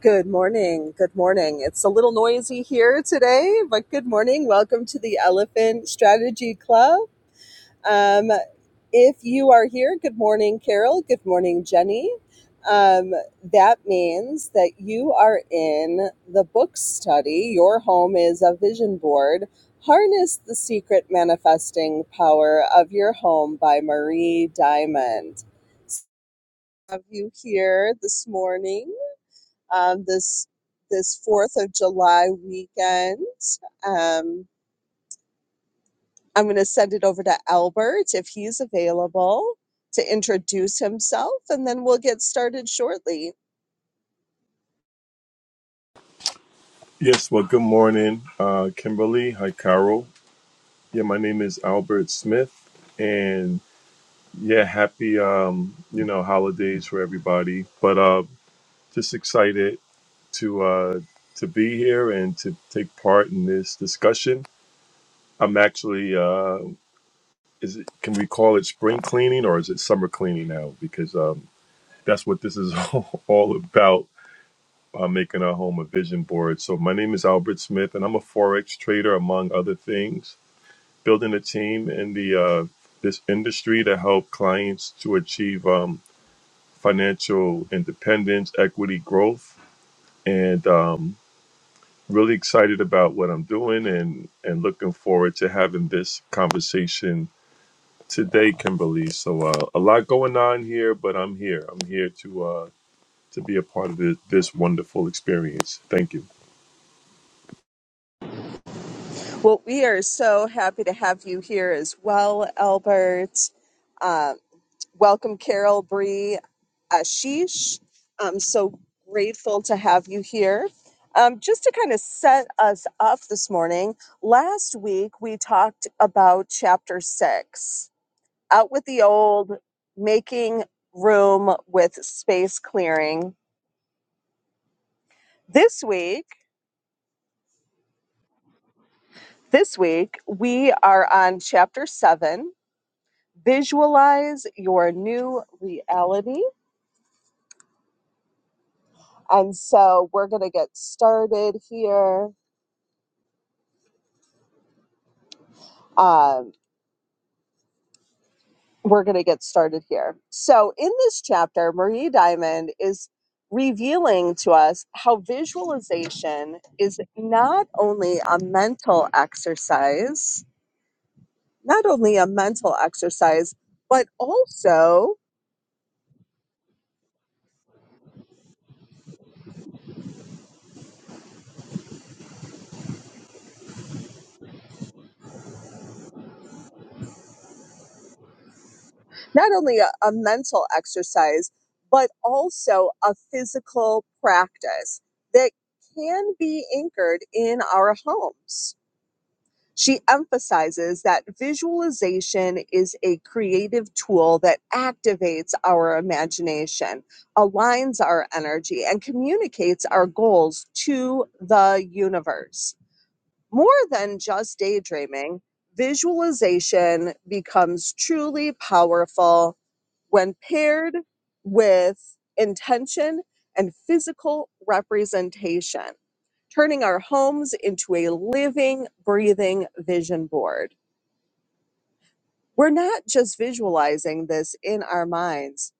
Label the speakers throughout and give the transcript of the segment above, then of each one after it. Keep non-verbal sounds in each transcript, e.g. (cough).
Speaker 1: Good morning. Good morning. It's a little noisy here today, but good morning. Welcome to the Elephant Strategy Club. Um, if you are here, good morning, Carol. Good morning, Jenny. Um, that means that you are in the book study. Your home is a vision board. Harness the secret manifesting power of your home by Marie Diamond. Have you here this morning? um, this this Fourth of July weekend. Um, I'm going to send it over to Albert if he's available to introduce himself, and then we'll get started shortly.
Speaker 2: Yes, well, good morning, uh, Kimberly. Hi, Carol. Yeah, my name is Albert Smith, and yeah, happy um, you know holidays for everybody. But uh, just excited to uh, to be here and to take part in this discussion. I'm actually uh, is it can we call it spring cleaning or is it summer cleaning now? Because um, that's what this is (laughs) all about. Uh, making our home a vision board. So my name is Albert Smith, and I'm a forex trader among other things building a team in the uh, this industry to help clients to achieve um, financial independence, equity, growth, and um, really excited about what I'm doing and and looking forward to having this conversation today, Kimberly. So uh, a lot going on here, but I'm here. I'm here to. Uh, to be a part of this, this wonderful experience. Thank you.
Speaker 1: Well, we are so happy to have you here as well, Albert. Um, Welcome, Carol, Bree, Ashish. I'm so grateful to have you here. Um, just to kind of set us up this morning, last week we talked about chapter six out with the old, making room with space clearing. This week, this week, we are on chapter seven visualize your new reality. And so we're going to get started here. Um, we're going to get started here. So, in this chapter, Marie Diamond is revealing to us how visualization is not only a mental exercise, not only a mental exercise, but also not only a, a mental exercise, but also a physical practice that can be anchored in our homes She emphasizes that visualization is a creative tool that activates our imagination, aligns our energy, and communicates our goals to the universe. More than just daydreaming, visualization becomes truly powerful when paired with intention and physical representation turning our homes into a living, breathing vision board. We're not just visualizing this in our minds,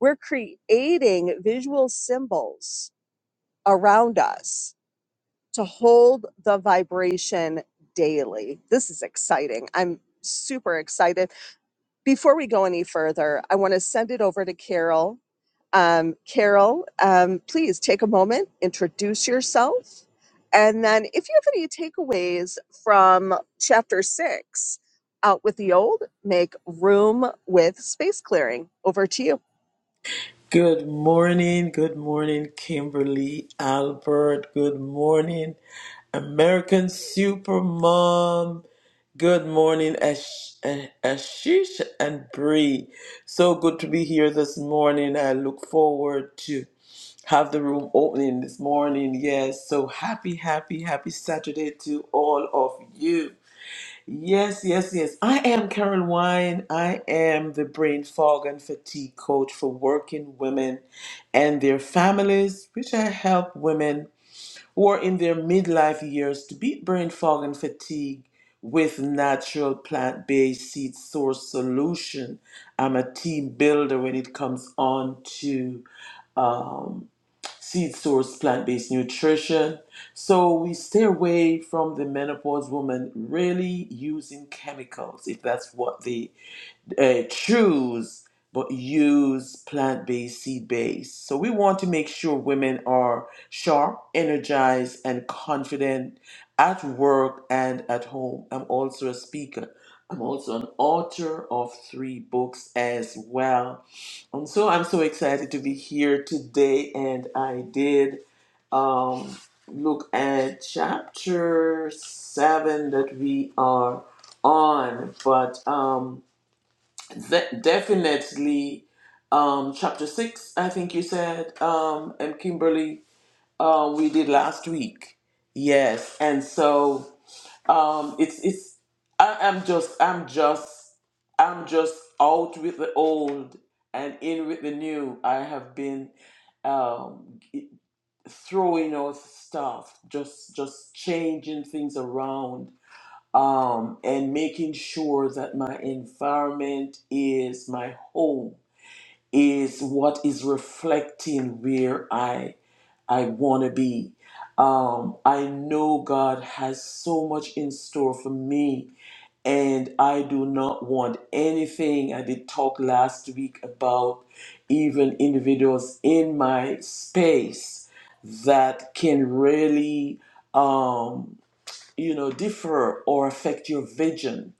Speaker 1: we're creating visual symbols around us to hold the vibration daily. This is exciting. I'm super excited. Before we go any further, I want to send it over to Carol Um, Carol, um, please take a moment, introduce yourself, and then if you have any takeaways from chapter six, Out with the Old, make room with space clearing. Over to you.
Speaker 3: Good morning, good morning, Kimberly Albert. Good morning, American Supermom. Good morning, Ash- uh, Ashish and Bree. So good to be here this morning. I look forward to have the room opening this morning. Yes, so happy, happy, happy Saturday to all of you. Yes, yes, yes. I am Karen Wine. I am the brain fog and fatigue coach for working women and their families, which I help women who are in their midlife years to beat brain fog and fatigue with natural plant based seed source solution. I'm a team builder when it comes on to um, Seed Source Plant Based Nutrition. So we stay away from the menopause woman really using chemicals if that's what they uh, choose but use plant based, seed based. So we want to make sure women are sharp, energized, and confident at work and at home. I'm also a speaker. I'm also an author of three books as well. And so I'm so excited to be here today. And I did um, look at chapter seven that we are on. But um, De- definitely, um, chapter six, I think you said, um, and Kimberly, um, we did last week. Yes, and so um, it's it's. I, I'm just I'm just I'm just out with the old and in with the new. I have been um, throwing out stuff, just just changing things around um, and making sure that my environment is my home is what is reflecting where I I want to be. Um, I know God has so much in store for me, and I do not want anything. I did talk last week about even individuals in my space that can really um, you know, differ or affect your vision.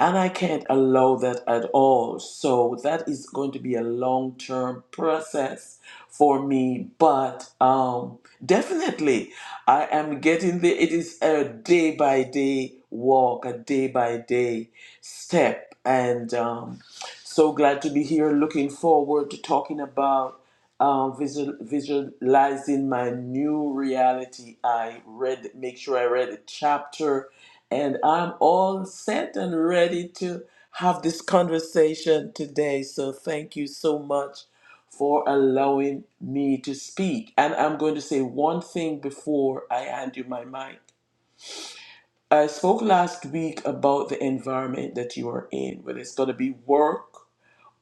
Speaker 3: And I can't allow that at all. So that is going to be a long term process for me. But um, definitely, I am getting there. It is a day by day walk, a day by day step. And um, so glad to be here. Looking forward to talking about um, visual, visualizing my new reality. I read, make sure I read a chapter, and I'm all set and ready to have this conversation today. So thank you so much for allowing me to speak. And I'm going to say one thing before I hand you my mic. I spoke last week about the environment that you are in, whether it's going to be work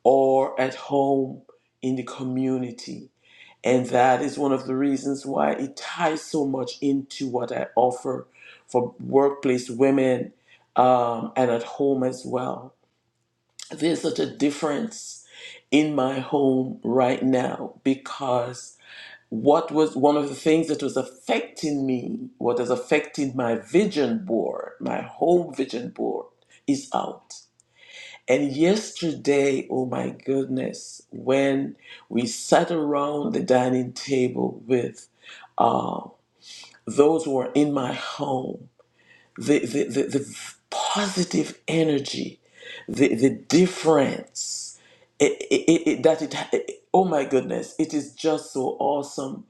Speaker 3: or at home in the community. And that is one of the reasons why it ties so much into what I offer for workplace women um, and at home as well. There's such a difference in my home right now because what was one of the things that was affecting me, what is affecting my vision board, my home vision board, is out. And yesterday, oh my goodness, when we sat around the dining table with uh, those who are in my home, the, the, the, the positive energy, the, the difference it, it, it, it- that it, it, oh my goodness, it is just so awesome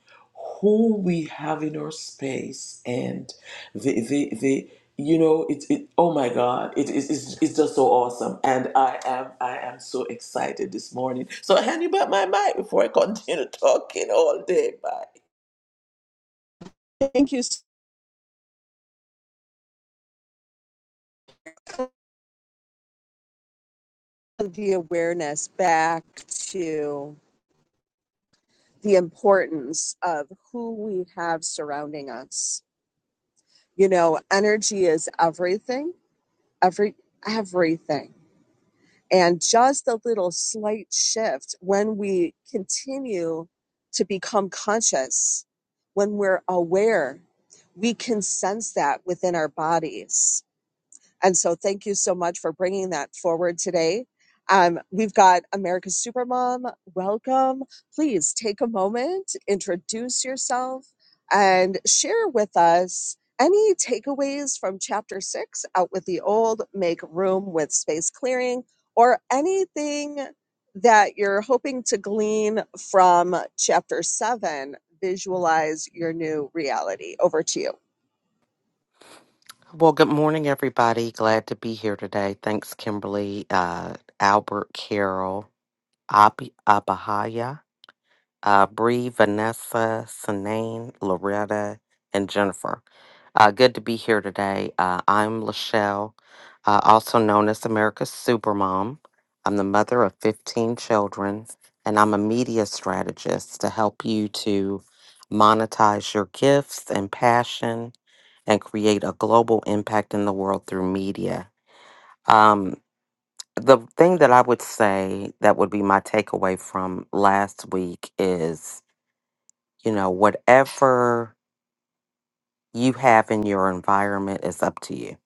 Speaker 3: who we have in our space and the, the, the you know, it's it, oh my God, it is it's, it's just so awesome. And I am I am so excited this morning. So I hand you back my mic before I continue (laughs) talking all day. Bye.
Speaker 1: Thank you. so much for The awareness back to the importance of who we have surrounding us. You know, energy is everything, every everything And just a little slight shift when we continue to become conscious, when we're aware, we can sense that within our bodies and so thank you so much for bringing that forward today. Um, we've got America's Supermom. Welcome. Please take a moment, introduce yourself, and share with us any takeaways from chapter six, Out with the Old, Make Room with Space Clearing, or anything that you're hoping to glean from chapter seven, Visualize Your New Reality. Over to you.
Speaker 4: Well, good morning, everybody. Glad to be here today. Thanks, Kimberly, uh, Albert, Carol, Abi, Abahaya uh, Bree, Vanessa, Sinane, Loretta, and Jennifer. Uh, good to be here today. Uh, I'm Lachelle, uh, also known as America's Supermom. I'm the mother of 15 children, and I'm a media strategist to help you to monetize your gifts and passion and create a global impact in the world through media. Um, the thing that I would say that would be my takeaway from last week is you know, whatever you have in your environment is up to you.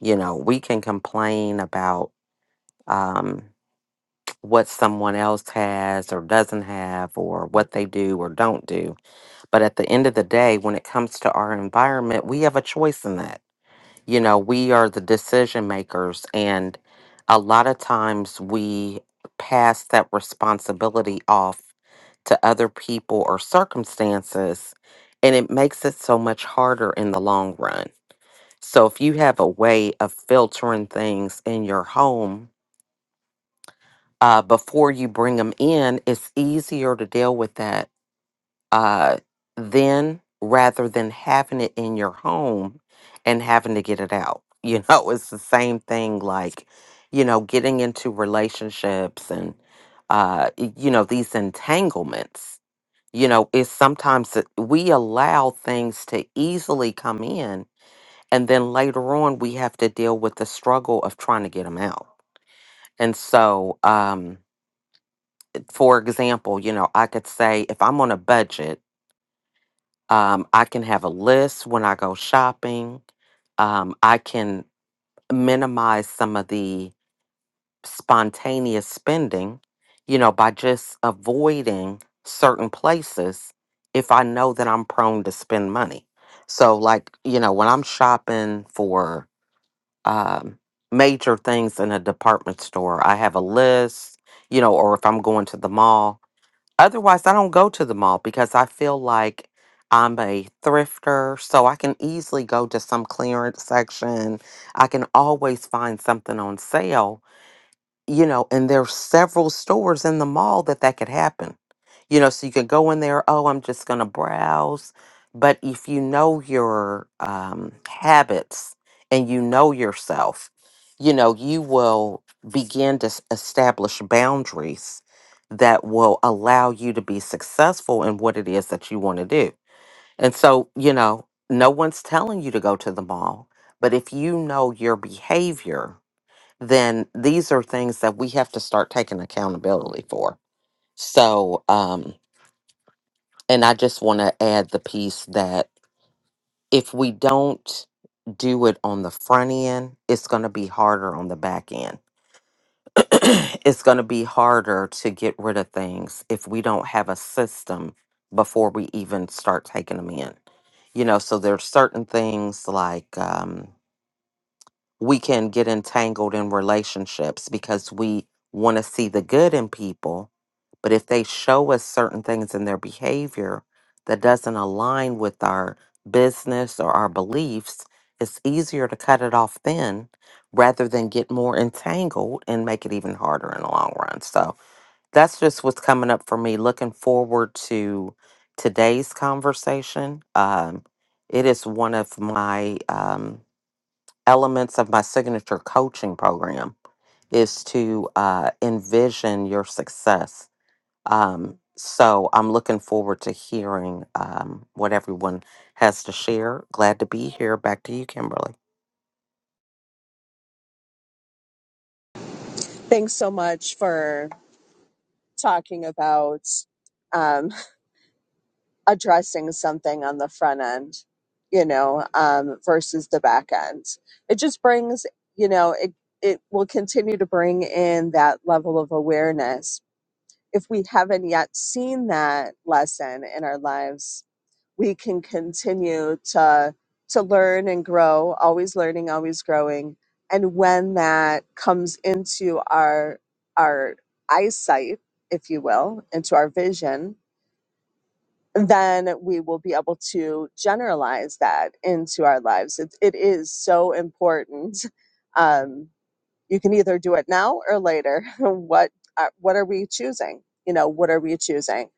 Speaker 4: You know, we can complain about um, what someone else has or doesn't have or what they do or don't do. But at the end of the day, when it comes to our environment, we have a choice in that You know, we are the decision makers, and a lot of times we pass that responsibility off to other people or circumstances, and it makes it so much harder in the long run. So, if you have a way of filtering things in your home uh, before you bring them in, it's easier to deal with that uh, then rather than having it in your home and having to get it out. You know, (laughs) it's the same thing like, you know, getting into relationships and, uh, y- you know, these entanglements. You know, it's sometimes that we allow things to easily come in, and then later on we have to deal with the struggle of trying to get them out. And so, um, for example, you know, I could say if I'm on a budget, Um, I can have a list when I go shopping. Um, I can minimize some of the spontaneous spending, you know, by just avoiding certain places if I know that I'm prone to spend money. So, like, you know, when I'm shopping for um, major things in a department store, I have a list, you know, or if I'm going to the mall. Otherwise, I don't go to the mall because I feel like I'm a thrifter, so I can easily go to some clearance section. I can always find something on sale you know, and there's several stores in the mall that that could happen. You know, so you could go in there, oh, I'm just going to browse. But if you know your um, habits and you know yourself, you know, you will begin to s- establish boundaries that will allow you to be successful in what it is that you want to do. And so, you know, no one's telling you to go to the mall, but if you know your behavior, then these are things that we have to start taking accountability for. So, um, and I just want to add the piece that if we don't do it on the front end, it's going to be harder on the back end. (clears throat) it's going to be harder to get rid of things if we don't have a system before we even start taking them in. You know, so there's certain things like, um, we can get entangled in relationships because we want to see the good in people. But if they show us certain things in their behavior that doesn't align with our business or our beliefs, it's easier to cut it off then rather than get more entangled and make it even harder in the long run. So that's just what's coming up for me. Looking forward to today's conversation. Um, it is one of my. Um, elements of my signature coaching program is to uh, envision your success. Um, so I'm looking forward to hearing um, what everyone has to share. Glad to be here. Back to you, Kimberly.
Speaker 1: Thanks so much for talking about um, addressing something on the front end, you know, um, versus the back end. It just brings, you know, it it will continue to bring in that level of awareness. If we haven't yet seen that lesson in our lives, we can continue to to learn and grow always learning always growing and when that comes into our our eyesight if you will into our vision then we will be able to generalize that into our lives it, it is so important um, you can either do it now or later. (laughs) what uh, what are we choosing? You know, what are we choosing?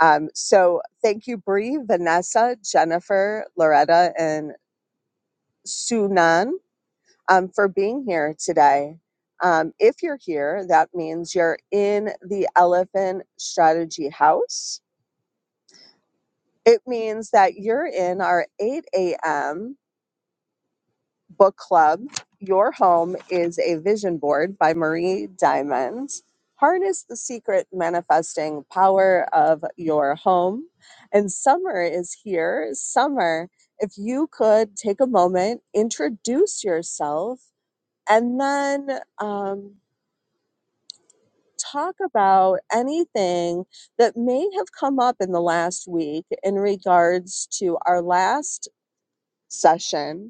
Speaker 1: Um, so thank you, Bree, Vanessa, Jennifer, Loretta, and Sunan um, for being here today. Um, if you're here, that means you're in the Elephant Strategy House. It means that you're in our 8 a.m. book club. Your Home is a Vision Board by Marie Diamond. Harness the secret manifesting power of your home. And summer is here. Summer, if you could take a moment, introduce yourself, and then um, talk about anything that may have come up in the last week in regards to our last session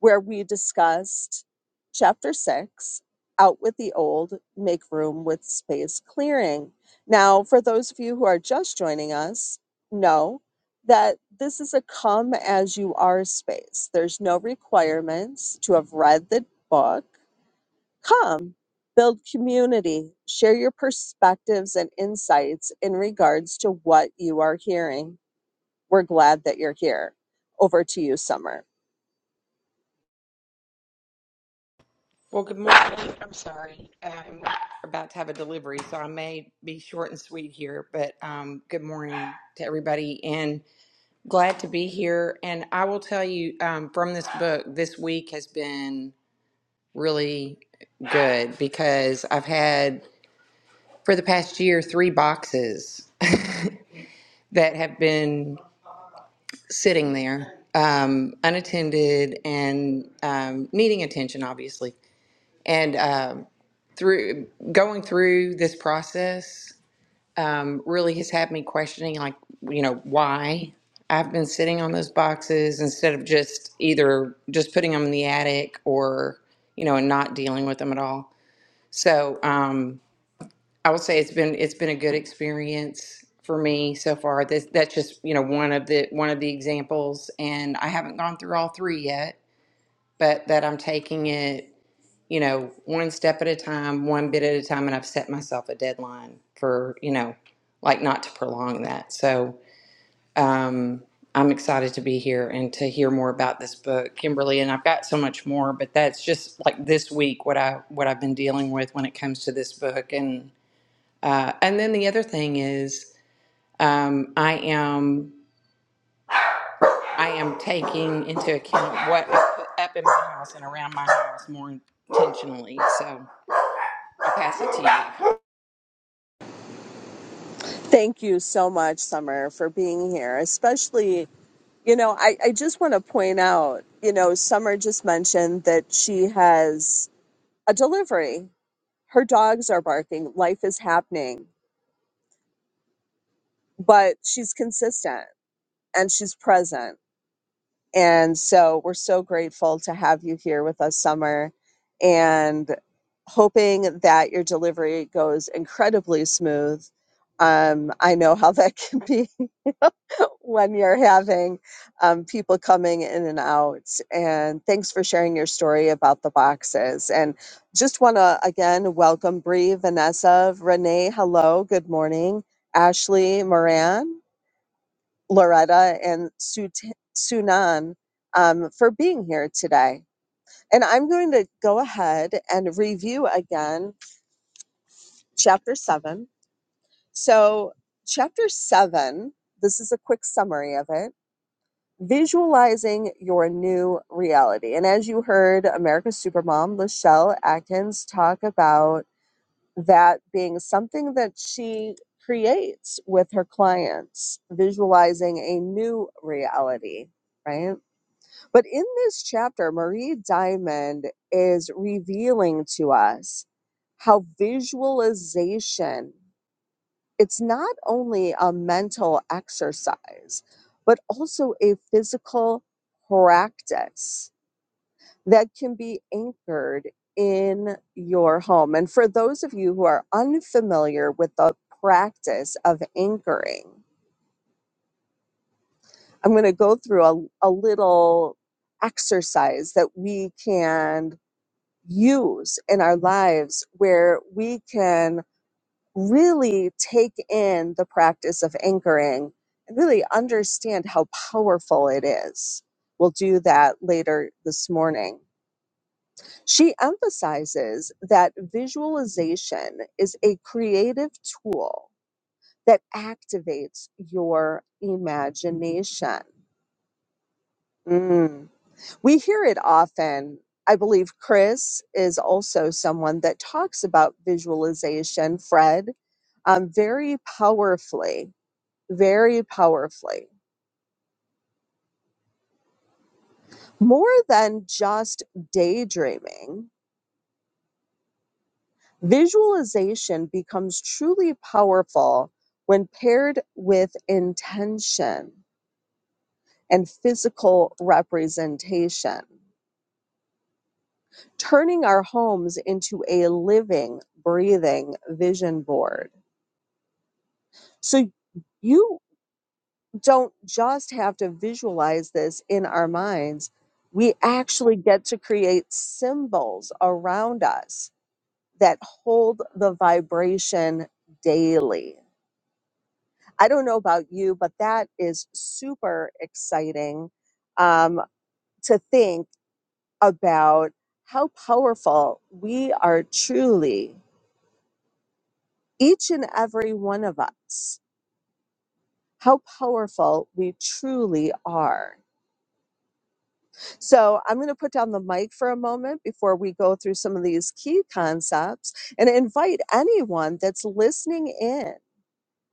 Speaker 1: where we discussed chapter six out with the old, make room with space clearing. Now, for those of you who are just joining us, know that this is a come as you are space. There's no requirements to have read the book. Come, build community, share your perspectives and insights in regards to what you are hearing. We're glad that you're here. Over to you, Summer.
Speaker 5: Well, good morning. I'm sorry. I'm about to have a delivery, so I may be short and sweet here, but um, good morning to everybody and glad to be here. And I will tell you um, from this book, this week has been really good because I've had for the past year three boxes (laughs) that have been sitting there um, unattended and um, needing attention, obviously. And um through going through this process um, really has had me questioning like you know why i've been sitting on those boxes instead of just either just putting them in the attic or you know and not dealing with them at all so um, i would say it's been it's been a good experience for me so far this that's just you know one of the one of the examples and i haven't gone through all three yet but that i'm taking it you know, one step at a time, one bit at a time, and I've set myself a deadline for, you know, like not to prolong that. So um, I'm excited to be here and to hear more about this book, Kimberly. And I've got so much more, but that's just like this week what I what I've been dealing with when it comes to this book. And uh, and then the other thing is um, I am I am taking into account what I put up in my house and around my house more intentionally. So I'll pass it to you.
Speaker 1: Thank you so much, Summer, for being here. Especially, you know, I, I just want to point out, you know, Summer just mentioned that she has a delivery. Her dogs are barking, life is happening, but she's consistent and she's present. And so we're so grateful to have you here with us, Summer, and hoping that your delivery goes incredibly smooth. Um, I know how that can be (laughs) when you're having um, people coming in and out. And thanks for sharing your story about the boxes. And just want to again welcome Bree, Vanessa, Renee. Hello, good morning. Ashley Moran. Loretta and Sunan um, for being here today. And I'm going to go ahead and review again chapter seven. So, chapter seven, this is a quick summary of it visualizing your new reality. And as you heard America's Supermom, Lachelle Atkins, talk about that being something that she creates with her clients, visualizing a new reality, right? But in this chapter, Marie Diamond is revealing to us how visualization it's not only a mental exercise but also a physical practice that can be anchored in your home and for those of you who are unfamiliar with the practice of anchoring i'm going to go through a, a little exercise that we can use in our lives where we can really take in the practice of anchoring and really understand how powerful it is. We'll do that later this morning. She emphasizes that visualization is a creative tool that activates your imagination. Mm. We hear it often. I believe Chris is also someone that talks about visualization, Fred, um, very powerfully, very powerfully. More than just daydreaming, visualization becomes truly powerful when paired with intention and physical representation, turning our homes into a living, breathing vision board. So you don't just have to visualize this in our minds. We actually get to create symbols around us that hold the vibration daily. I don't know about you, but that is super exciting um, to think about how powerful we are truly, each and every one of us, how powerful we truly are So I'm going to put down the mic for a moment before we go through some of these key concepts and invite anyone that's listening in.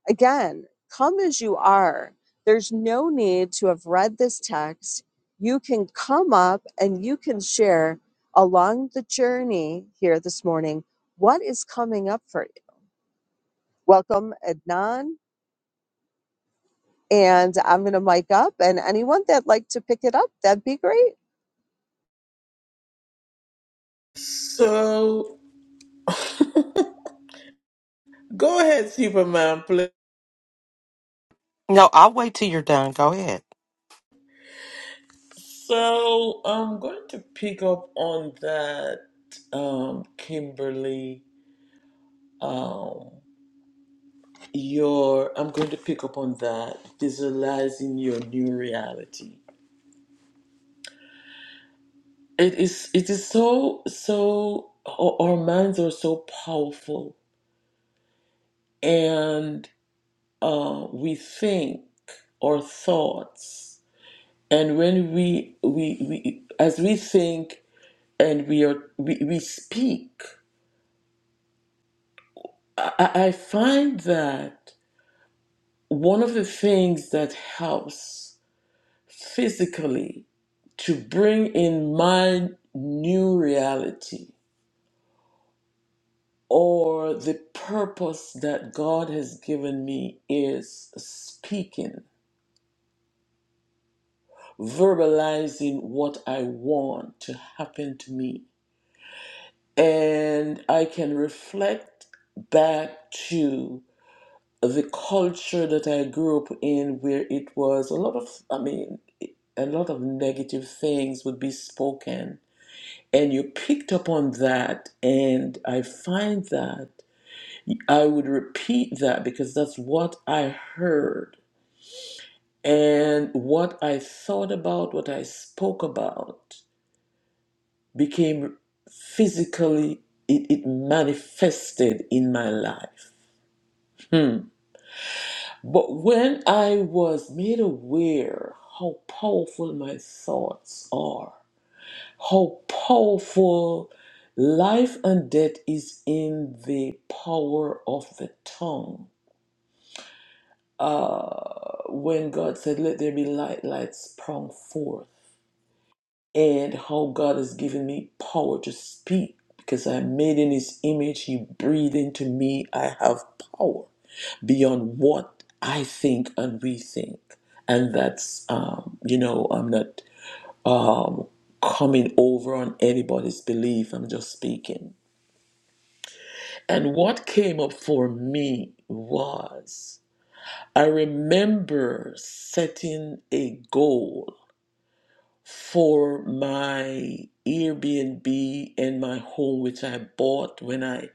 Speaker 1: Again, come as you are. There's no need to have read this text. You can come up and you can share along the journey here this morning what is coming up for you. Welcome, Adnan. And I'm going to mic up. And anyone that'd like to pick it up, that'd be great.
Speaker 3: So. Go ahead, Superman, please.
Speaker 4: No, I'll wait till you're done. Go ahead.
Speaker 3: So I'm going to pick up on that, um, Kimberly. Um, your I'm going to pick up on that visualizing your new reality. It is it is so so our our minds are so powerful, and uh, we think our thoughts, and when we we we as we think and we are we, we speak. I, I find that one of the things that helps physically to bring in my new reality or the purpose that God has given me is speaking, verbalizing what I want to happen to me. And I can reflect back to the culture that I grew up in, where it was a lot of, I mean, a lot of negative things would be spoken. And you picked up on that. And I find that I would repeat that because that's what I heard. And what I thought about, what I spoke about, became physically, it, it manifested in my life. Hmm. But when I was made aware how powerful my thoughts are, How powerful life and death is in the power of the tongue. Uh, when God said, Let there be light, light sprung forth. And how God has given me power to speak because I am made in His image. He breathed into me. I have power beyond what I think and we think. And that's, um, you know, I'm not um, coming over on anybody's belief. I'm just speaking. And what came up for me was I remember setting a goal for my Airbnb and my home, which I bought when I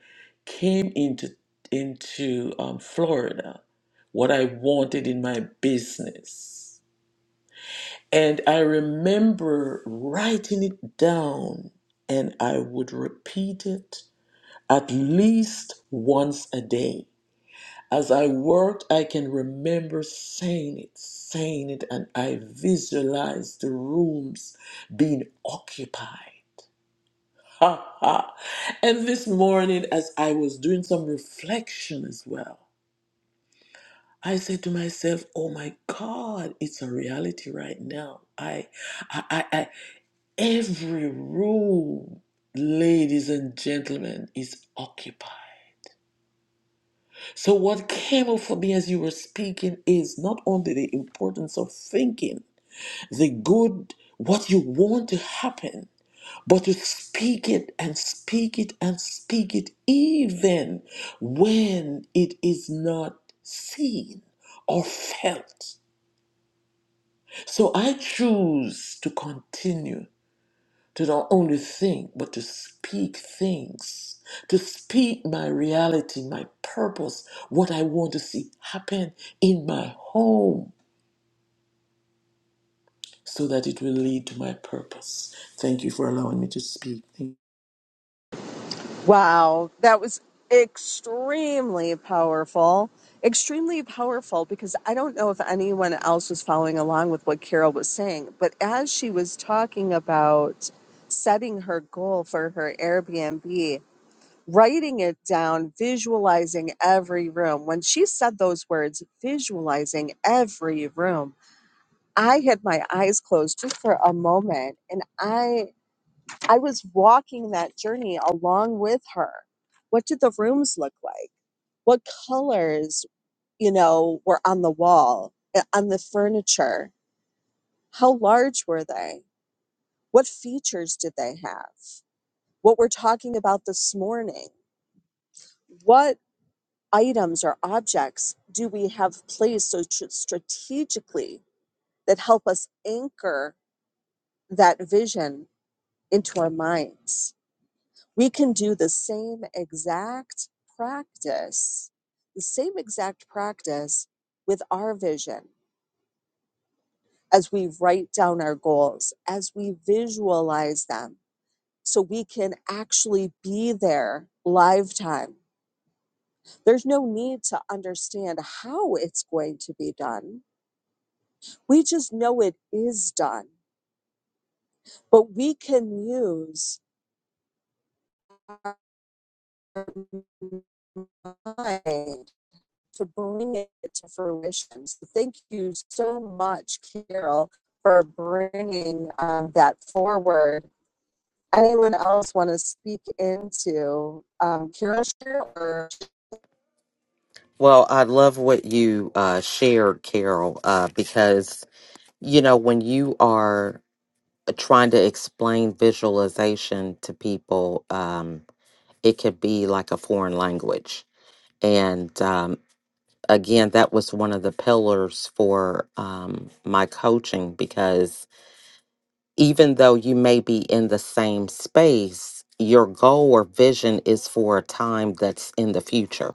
Speaker 3: came into into um, Florida, what I wanted in my business. And I remember writing it down and I would repeat it at least once a day. As I worked, I can remember saying it, saying it, and I visualized the rooms being occupied. (laughs) Ha ha. And this morning, as I was doing some reflection as well, I said to myself, "Oh my God, it's a reality right now. I, I, I, I every room, ladies and gentlemen, is occupied." So, what came up for me as you were speaking is not only the importance of thinking, the good, what you want to happen, but to speak it and speak it and speak it even when it is not seen or felt. So, I choose to continue to not only think, but to speak things, to speak my reality, my purpose, what I want to see happen in my home so that it will lead to my purpose. Thank you for allowing me to speak. Thank
Speaker 1: Wow, that was extremely powerful. Extremely powerful because I don't know if anyone else was following along with what Carol was saying, but as she was talking about setting her goal for her Airbnb, writing it down, visualizing every room, when she said those words, visualizing every room, I had my eyes closed just for a moment and I. I was walking that journey along with her. What did the rooms look like? What colors, you know, were on the wall, uh, on the furniture? How large were they? What features did they have? What we're talking about this morning? What items or objects do we have placed so tr- strategically that help us anchor that vision into our minds? We can do the same exact practice, the same exact practice with our vision as we write down our goals, as we visualize them, so we can actually be there live time. There's no need to understand how it's going to be done. We just know it is done, but we can use our mind to bring it to fruition. So thank you so much, Carol, for bringing um, that forward. Anyone else want to speak into um, Carol's Or
Speaker 4: Well, I love what you uh, shared, Carol, uh, because, you know, when you are trying to explain visualization to people, um, it could be like a foreign language. And um, again, that was one of the pillars for um, my coaching because even though you may be in the same space, your goal or vision is for a time that's in the future.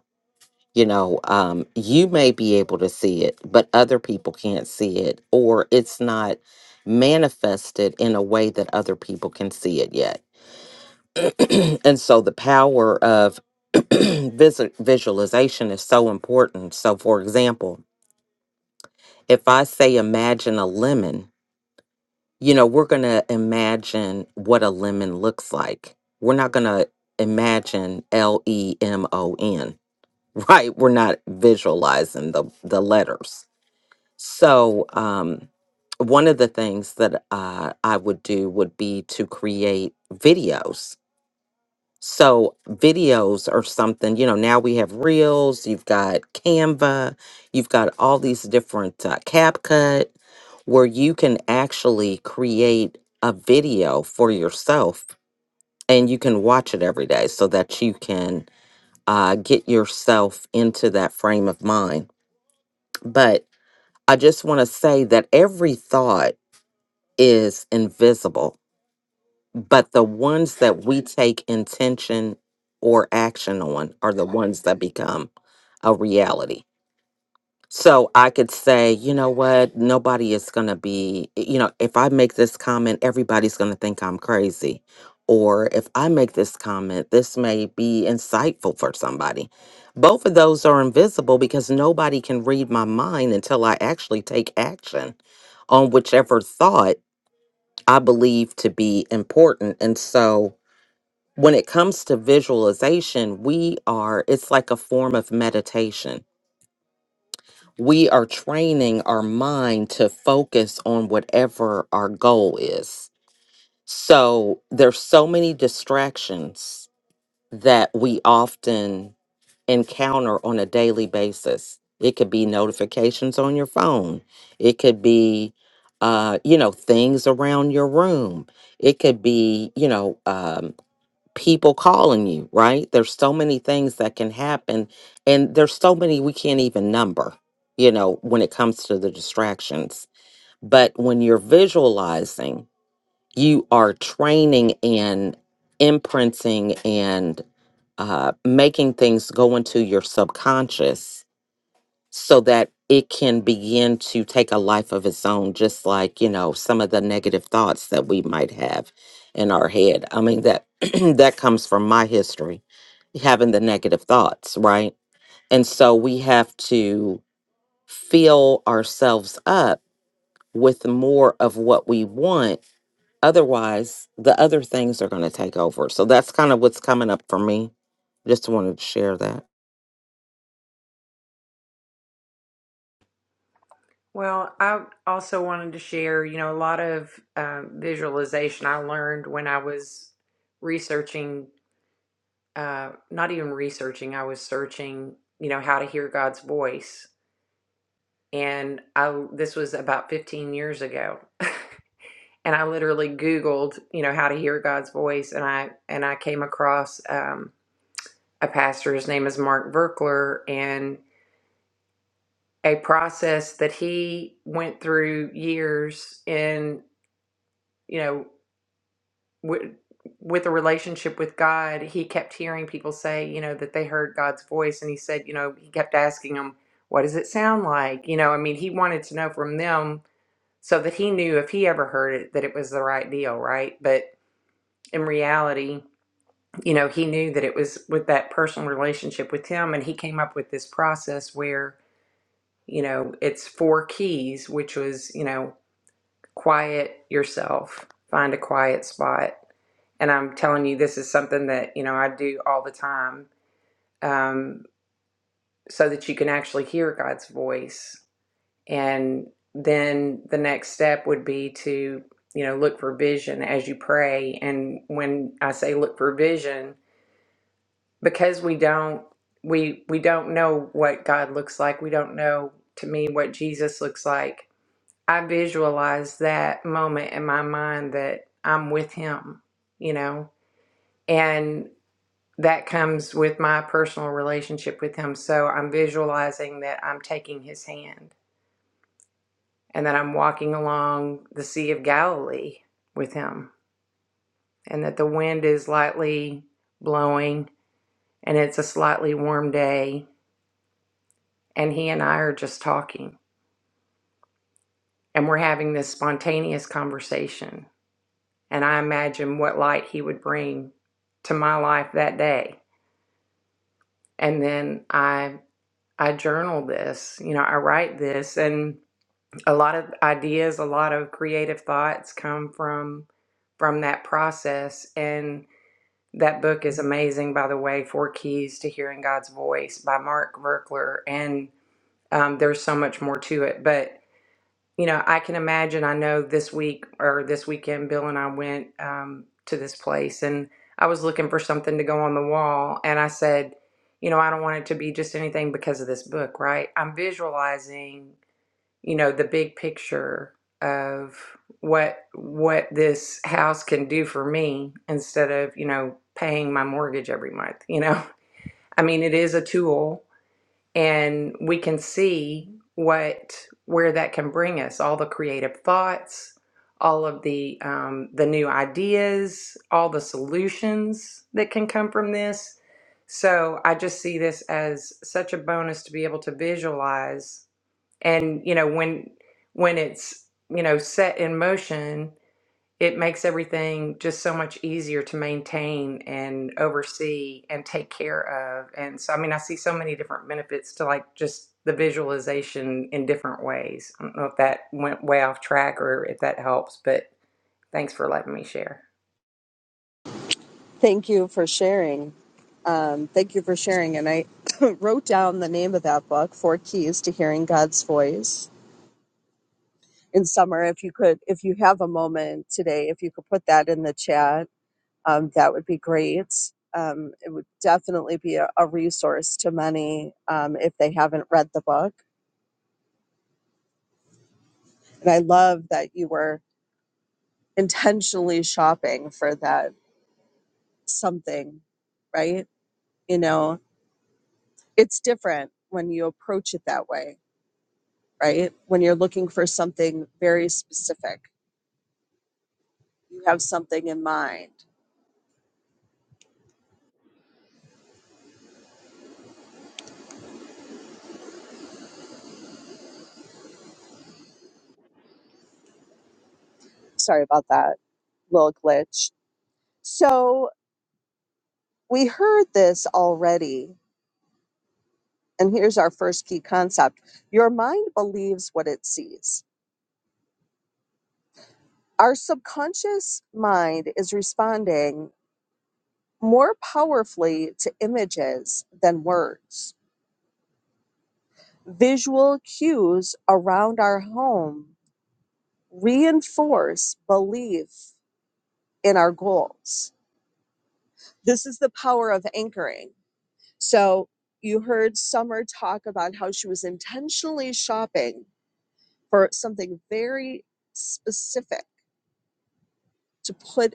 Speaker 4: You know, um, you may be able to see it, but other people can't see it, or it's not manifested in a way that other people can see it yet. (clears throat) and so the power of (clears throat) visu- visualization is so important. So, for example, if I say imagine a lemon, you know, we're going to imagine what a lemon looks like. We're not going to imagine L E M O N, (laughs) right? We're not visualizing the, the letters. So, um, one of the things that uh, I would do would be to create videos so videos or something, you know, now we have Reels, you've got Canva, you've got all these different uh, CapCut where you can actually create a video for yourself and you can watch it every day so that you can uh, get yourself into that frame of mind. But I just want to say that every thought is invisible but the ones that we take intention or action on are the ones that become a reality. So I could say, you know what, nobody is going to be, you know, if I make this comment, everybody's going to think I'm crazy. Or if I make this comment, this may be insightful for somebody. Both of those are invisible because nobody can read my mind until I actually take action on whichever thought I believe to be important. And so, when it comes to visualization, we are, it's like a form of meditation. We are training our mind to focus on whatever our goal is. So there's so many distractions that we often encounter on a daily basis. It could be notifications on your phone. It could be, uh, you know, things around your room. It could be, you know, um, people calling you, right? There's so many things that can happen, and there's so many we can't even number, you know, when it comes to the distractions. But when you're visualizing, you are training and imprinting and uh, making things go into your subconscious so that it can begin to take a life of its own, just like, you know, some of the negative thoughts that we might have in our head. I mean, that (clears throat) that comes from my history, having the negative thoughts, right? And so we have to fill ourselves up with more of what we want. Otherwise, the other things are going to take over. So that's kind of what's coming up for me. Just wanted to share that.
Speaker 5: Well, I also wanted to share, you know, a lot of um, visualization I learned when I was researching, uh, not even researching, I was searching, you know, how to hear God's voice. And I, this was about 15 years ago. (laughs) and I literally Googled, you know, how to hear God's voice. And I, and I came across um, a pastor, his name is Mark Verkler, and a process that he went through years in, you know, with with a relationship with God, he kept hearing people say, you know, that they heard God's voice, and he said, you know, he kept asking them, "What does it sound like?" You know, I mean, he wanted to know from them so that he knew if he ever heard it that it was the right deal, right? But in reality, you know, he knew that it was with that personal relationship with him, and he came up with this process where, you know, it's four keys, which was, you know, quiet yourself, find a quiet spot and I'm telling you, this is something that you know I do all the time, um, so that you can actually hear God's voice. And then the next step would be to you know look for vision as you pray. And when I say look for vision, because we don't we we don't know what God looks like. We don't know to me what Jesus looks like. I visualize that moment in my mind that I'm with Him. You know, and. that comes with my personal relationship with him. So I'm visualizing that I'm taking his hand and that I'm walking along the Sea of Galilee with him and that the wind is lightly blowing and it's a slightly warm day. And he and I are just talking and we're having this spontaneous conversation. And I imagine what light he would bring to my life that day. And then I I journal this, you know, I write this and a lot of ideas a lot of creative thoughts come from from that process and that book is amazing by the way four keys to hearing god's voice by mark verkler and um, there's so much more to it but you know i can imagine i know this week or this weekend bill and i went um, to this place and i was looking for something to go on the wall and i said you know i don't want it to be just anything because of this book right i'm visualizing you know, the big picture of what what this house can do for me instead of, you know, paying my mortgage every month, you know. (laughs) I mean, it is a tool and we can see what where that can bring us, all the creative thoughts, all of the um, the new ideas, all the solutions that can come from this. So I just see this as such a bonus to be able to visualize and you know when when it's you know set in motion it makes everything just so much easier to maintain and oversee and take care of and so i mean i see so many different benefits to like just the visualization in different ways i don't know if that went way off track or if that helps but thanks for letting me share
Speaker 1: thank you for sharing. Um, thank you for sharing. And I (coughs) wrote down the name of that book, Four Keys to Hearing God's Voice. In summer, if you could, if you have a moment today, if you could put that in the chat um, that would be great. Um, it would definitely be a, a resource to many um, if they haven't read the book. And I love that you were intentionally shopping for that something, right? You know, it's different when you approach it that way, right? When you're looking for something very specific, you have something in mind. Sorry about that little glitch. So we heard this already And here's our first key concept your mind believes what it sees. Our subconscious mind is responding more powerfully to images than words. Visual cues around our home reinforce belief in our goals. This is the power of anchoring. So, you heard Summer talk about how she was intentionally shopping for something very specific to put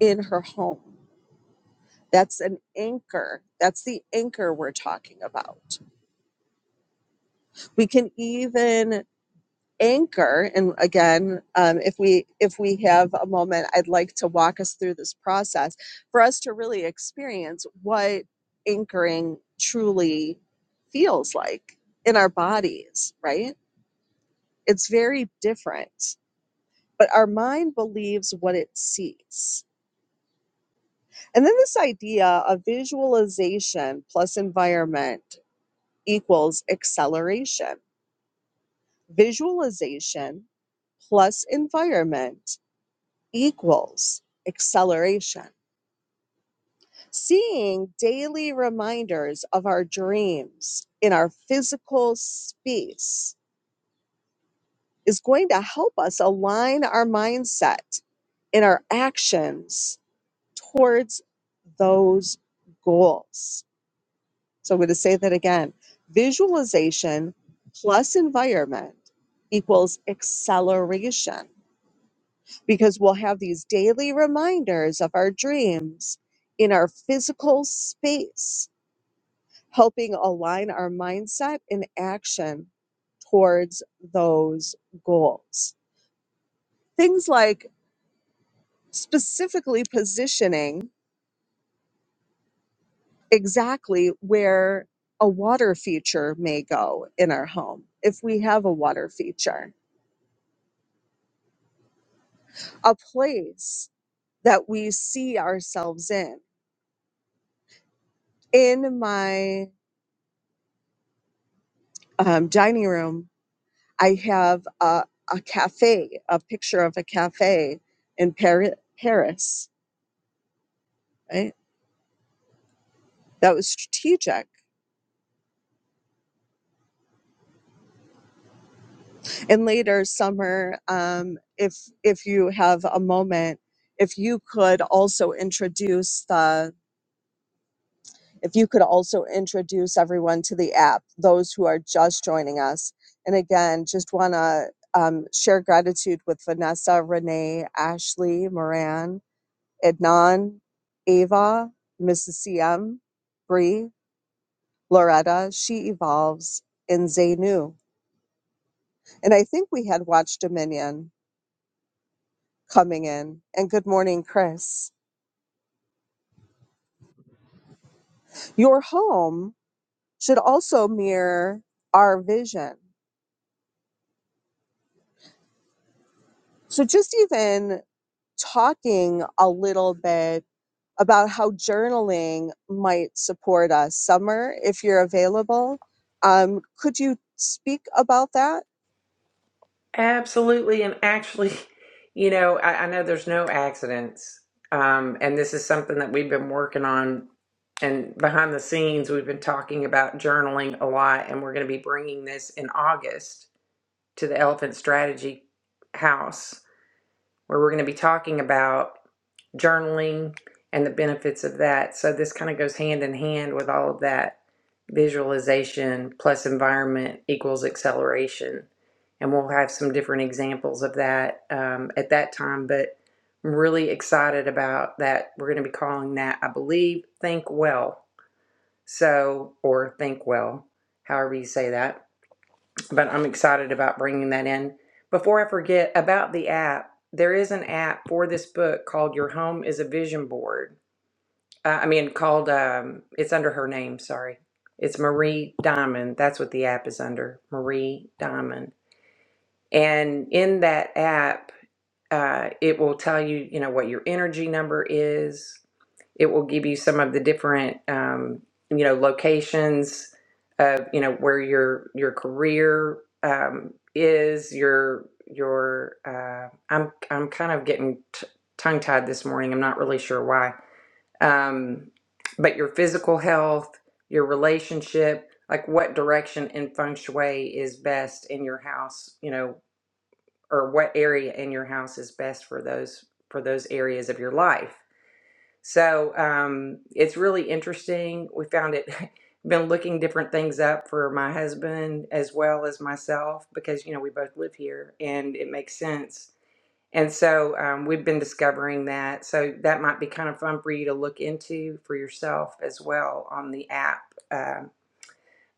Speaker 1: in her home. That's an anchor. That's the anchor we're talking about. We can even anchor and again um, if we if we have a moment i'd like to walk us through this process for us to really experience what anchoring truly feels like in our bodies right it's very different but our mind believes what it sees and then this idea of visualization plus environment equals acceleration. Visualization plus environment equals acceleration. Seeing daily reminders of our dreams in our physical space is going to help us align our mindset and our actions towards those goals. So I'm going to say that again. Visualization plus environment equals acceleration because we'll have these daily reminders of our dreams in our physical space, helping align our mindset and action towards those goals. Things like specifically positioning exactly where a water feature may go in our home if we have a water feature a place that we see ourselves in. In my um, dining room, I have a, a cafe, a picture of a cafe in Paris, Paris, right? That was strategic. And later, summer, um, if if you have a moment, if you could also introduce the If you could also introduce everyone to the app, those who are just joining us. And again, just want to um, share gratitude with Vanessa, Renee, Ashley, Moran, Ednan, Ava, Mrs. CM, Bree, Loretta, She Evolves, and Zainu. And I think we had Watch Dominion coming in. And good morning, Chris. Your home should also mirror our vision. So just even talking a little bit about how journaling might support us. Summer, if you're available, um, could you speak about that?
Speaker 5: Absolutely. And actually, (laughs) you know, I, I know there's no accidents. Um, and this is something that we've been working on. And behind the scenes, we've been talking about journaling a lot. And we're going to be bringing this in August to the Elephant Strategy House, where we're going to be talking about journaling and the benefits of that. So this kind of goes hand in hand with all of that visualization plus environment equals acceleration. And we'll have some different examples of that um, at that time. But I'm really excited about that. We're going to be calling that, I believe, Think Well. So, or Think Well, however you say that but I'm excited about bringing that in. Before I forget about the app, there is an app for this book called Your Home is a Vision Board. Uh, I mean, called, um, it's under her name, sorry. It's Marie Diamond. That's what the app is under, Marie Diamond. And in that app, uh, it will tell you, you know, what your energy number is, it will give you some of the different um, you know locations of you know where your your career um, is your your uh, I'm I'm kind of getting t- tongue tied this morning I'm not really sure why um, but your physical health your relationship like what direction in feng shui is best in your house you know or what area in your house is best for those for those areas of your life so um, it's really interesting. We found it. (laughs) Been looking different things up for my husband as well as myself because you know we both live here and it makes sense. And so um, we've been discovering that. So that might be kind of fun for you to look into for yourself as well on the app. Um,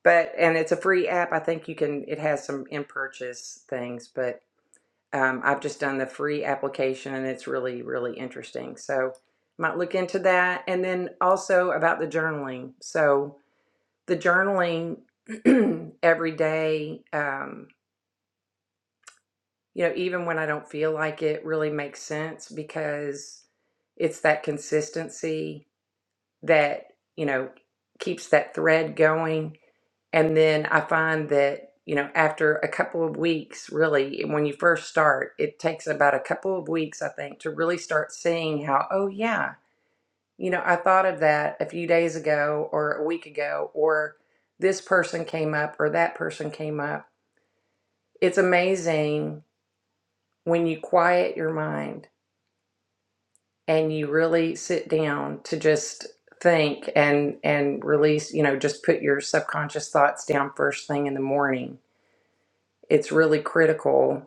Speaker 5: but and it's a free app. I think you can. It has some in purchase things, but. Um, I've just done the free application and it's really, really interesting. So might look into that. And then also about the journaling. So the journaling (clears throat) every day, um, you know, even when I don't feel like it really makes sense because it's that consistency that, you know, keeps that thread going. And then I find that, you know, after a couple of weeks, really, when you first start, it takes about a couple of weeks, I think, to really start seeing how, oh, yeah, you know, I thought of that a few days ago or a week ago, or this person came up or that person came up. It's amazing when you quiet your mind and you really sit down to just think and and release you know just put your subconscious thoughts down first thing in the morning it's really critical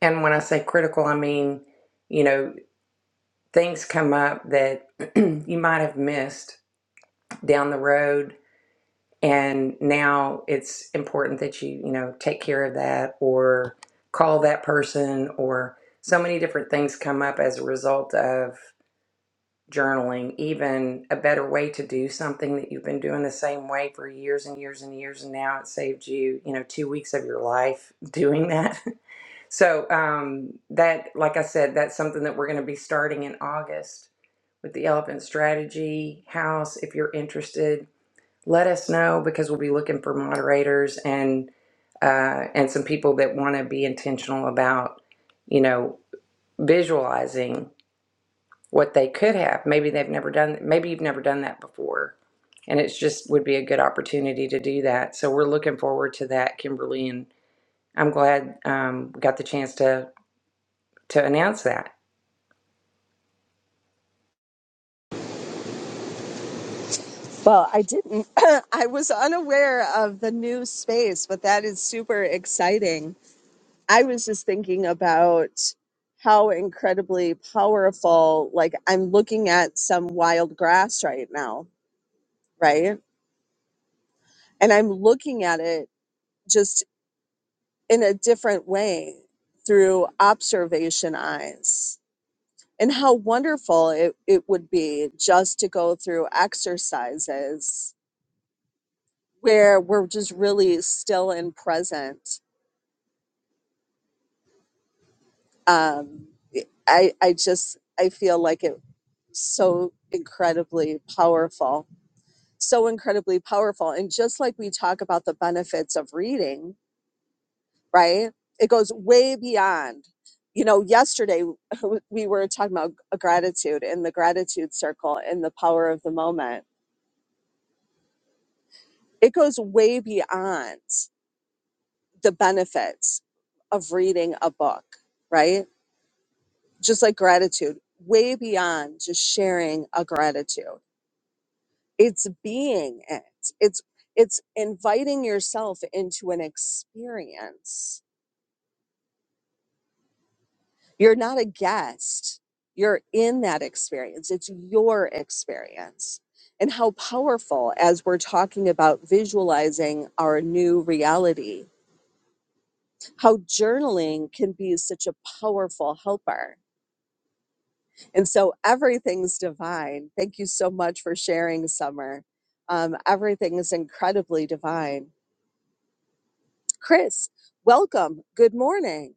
Speaker 5: And when I say critical, I mean, you know, things come up that (clears throat) you might have missed down the road. And now it's important that you, you know, take care of that or call that person or so many different things come up as a result of journaling, even a better way to do something that you've been doing the same way for years and years and years. And now it saved you, you know, two weeks of your life (laughs) doing that So um, that, like I said, that's something that we're going to be starting in August with the Elephant Strategy House. If you're interested, let us know because we'll be looking for moderators and uh, and some people that want to be intentional about, you know, visualizing what they could have. Maybe they've never done. Maybe you've never done that before, and it's just would be a good opportunity to do that. So we're looking forward to that, Kimberly, and I'm glad um, we got the chance to to announce that.
Speaker 1: Well, I didn't. (clears throat) I was unaware of the new space, but that is super exciting. I was just thinking about how incredibly powerful, like, I'm looking at some wild grass right now, right? And I'm looking at it just in a different way through observation eyes. And how wonderful it, it would be just to go through exercises where we're just really still and present. Um, I, I just, I feel like it's so incredibly powerful, so incredibly powerful. And just like we talk about the benefits of reading, right? It goes way beyond. You know, yesterday (laughs) we were talking about gratitude and the gratitude circle and the power of the moment. It goes way beyond the benefits of reading a book, right? Just like gratitude, way beyond just sharing a gratitude. It's being it. It's it's inviting yourself into an experience You're not a guest. You're in that experience. It's your experience. And how powerful, as we're talking about visualizing our new reality, how journaling can be such a powerful helper. And so everything's divine. Thank you so much for sharing, Summer. Um, everything is incredibly divine. Chris, welcome. Good morning.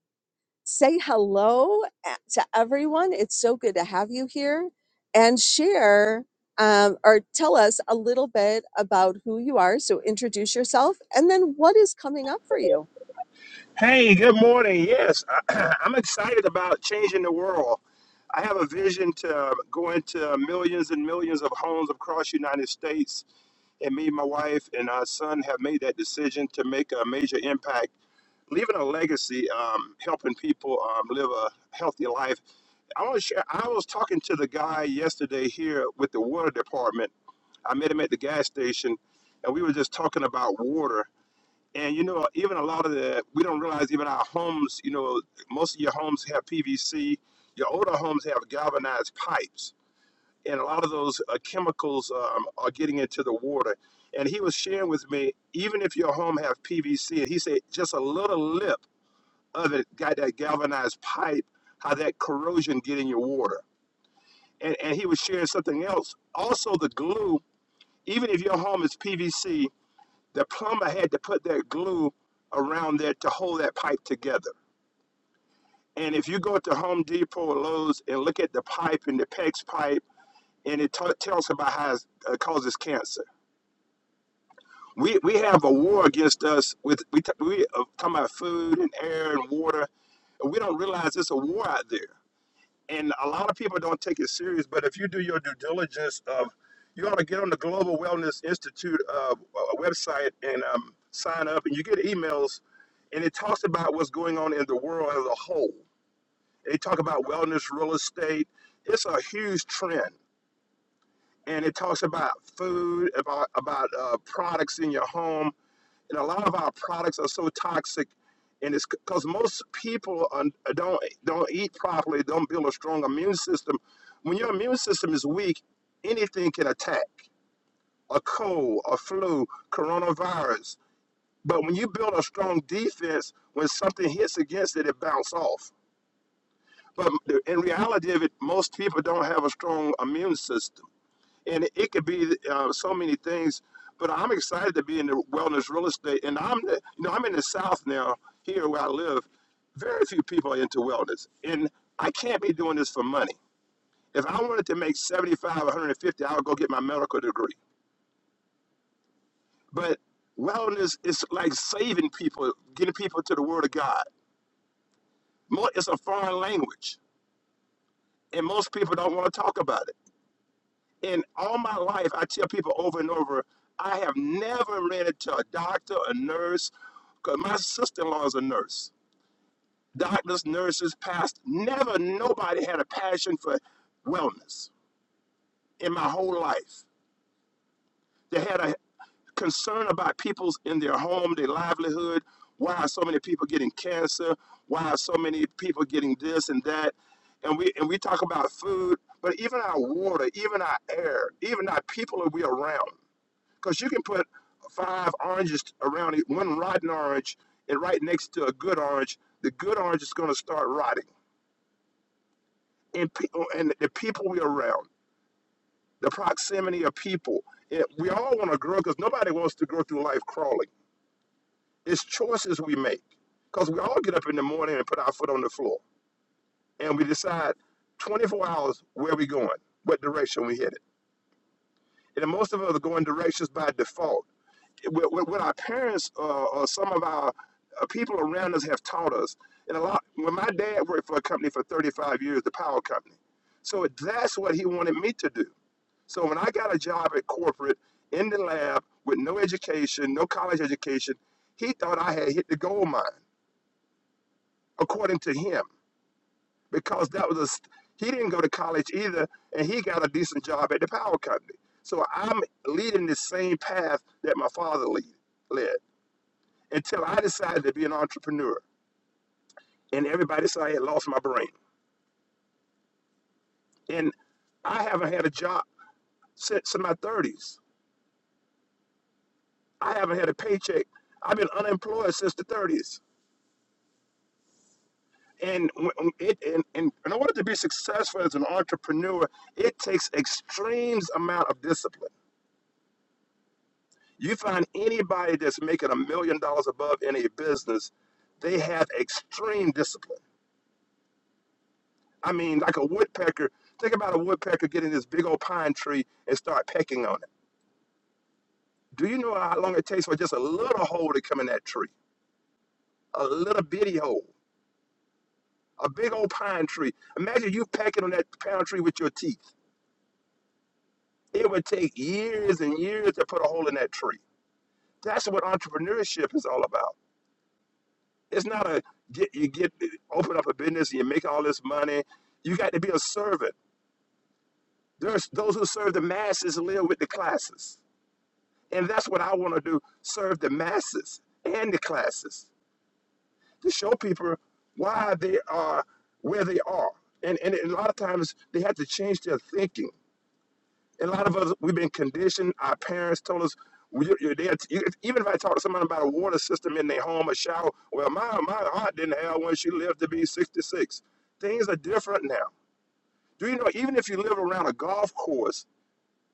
Speaker 1: say hello a- to everyone. It's so good to have you here and share um, or tell us a little bit about who you are. So introduce yourself and then what is coming up for you.
Speaker 6: Hey, good morning. Yes, (clears throat) I'm excited about changing the world. I have a vision to go into millions and millions of homes across the United States, and me, and my wife, and our son have made that decision to make a major impact, leaving a legacy, um, helping people um, live a healthy life. I want to share. I was talking to the guy yesterday here with the water department. I met him at the gas station, and we were just talking about water. And you know, even a lot of the we don't realize even our homes. You know, most of your homes have PVC. Your older homes have galvanized pipes, and a lot of those uh, chemicals um, are getting into the water. And he was sharing with me, even if your home have PVC, and he said just a little lip of it got that galvanized pipe, how that corrosion get in your water. And and he was sharing something else. Also, the glue. Even if your home is PVC, the plumber had to put that glue around there to hold that pipe together. And if you go to Home Depot or Lowe's and look at the pipe and the PEX pipe, and it t- tells about how it uh, causes cancer. We, we have a war against us with we t- we uh, talking about food and air and water. And we don't realize it's a war out there. and a lot of people don't take it serious. But if you do your due diligence of, you ought to get on the Global Wellness Institute uh, uh, website and um, sign up, and you get emails, and it talks about what's going on in the world as a whole. They talk about wellness, real estate. It's a huge trend, and it talks about food, about about uh, products in your home and a lot of our products are so toxic and it's because most people un- don't don't eat properly don't build a strong immune system when your immune system is weak anything can attack a cold a flu coronavirus but when you build a strong defense when something hits against it it bounces off but the- in reality of it most people don't have a strong immune system and it, could be uh, so many things. But I'm excited to be in the wellness real estate, and I'm the, you know I'm in the South now here where I live. Very few people are into wellness, and I can't be doing this for money. If I wanted to make 75, 150, I would go get my medical degree. But wellness is like saving people, getting people to the Word of God. It's a foreign language, and most people don't want to talk about it. in all my life, I tell people over and over, I have never rented to a doctor, a nurse, because my sister in law is a nurse. Doctors, nurses, past never nobody had a passion for wellness in my whole life. They had a concern about people's in their home, their livelihood, why are so many people getting cancer, why are so many people getting this and that. And we and we talk about food, but even our water, even our air, even our people that we around. because you can put five oranges around it, one rotten orange, and right next to a good orange, the good orange is going to start rotting. And pe- oh, and the people we're around, the proximity of people, it, we all want to grow because nobody wants to grow through life crawling. It's choices we make because we all get up in the morning and put our foot on the floor and we decide 24 hours where we going, what direction we headed. And most of us are going directions by default what, what what our parents uh, or some of our uh, people around us have taught us. And a lot, when my dad worked for a company for 35 years, the power company. So that's what he wanted me to do. So when I got a job at corporate in the lab with no education, no college education, he thought I had hit the gold mine, according to him, because that was a, st- he didn't go to college either, and he got a decent job at the power company. So I'm leading the same path that my father lead, led. until I decided to be an entrepreneur. And everybody said I had lost my brain. And I haven't had a job since in my 30s. I haven't had a paycheck. I've been unemployed since the 30s. And when- it and, and in order to be successful as an entrepreneur, it takes extreme amount of discipline. You find anybody that's making a million dollars above in a business, they have extreme discipline. I mean, like a woodpecker. Think about a woodpecker getting this big old pine tree and start pecking on it Do you know how long it takes for just a little hole to come in that tree? A little bitty hole. A big old pine tree. Imagine you pecking on that pine tree with your teeth. It would take years and years to put a hole in that tree. That's what entrepreneurship is all about. It's not a get you get open up a business and you make all this money. You got to be a servant. There's those who serve the masses live with the classes. And that's what I want to do, serve the masses and the classes. to show people why they are where they are. And, and a lot of times they have to change their thinking. And a lot of us, we've been conditioned. Our parents told us, we, you, they, you, even if I talk to someone about a water system in their home, a shower, well, my, my aunt didn't have one. She lived to be 66. Things are different now. Do you know, even if you live around a golf course,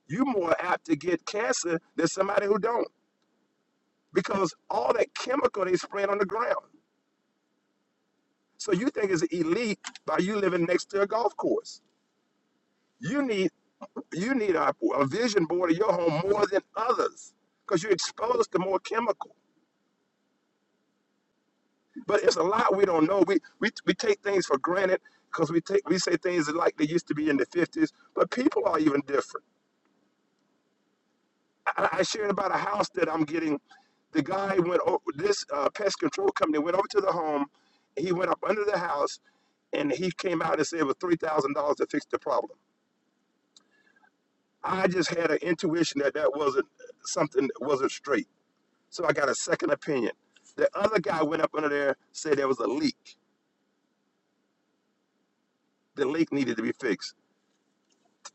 Speaker 6: you're more apt to get cancer than somebody who don't because all that chemical they spread on the ground. So you think it's elite by you living next to a golf course. You need you need a, a vision board of your home more than others because you're exposed to more chemical. But it's a lot we don't know. We we, we take things for granted because we take we say things like they used to be in the 50s, but people are even different. I, I shared about a house that I'm getting. The guy went over this uh, pest control company went over to the home. He went up under the house and he came out and said it was three thousand dollars to fix the problem. I just had an intuition that that wasn't something that wasn't straight. So I got a second opinion. The other guy went up under there, said there was a leak. The leak needed to be fixed.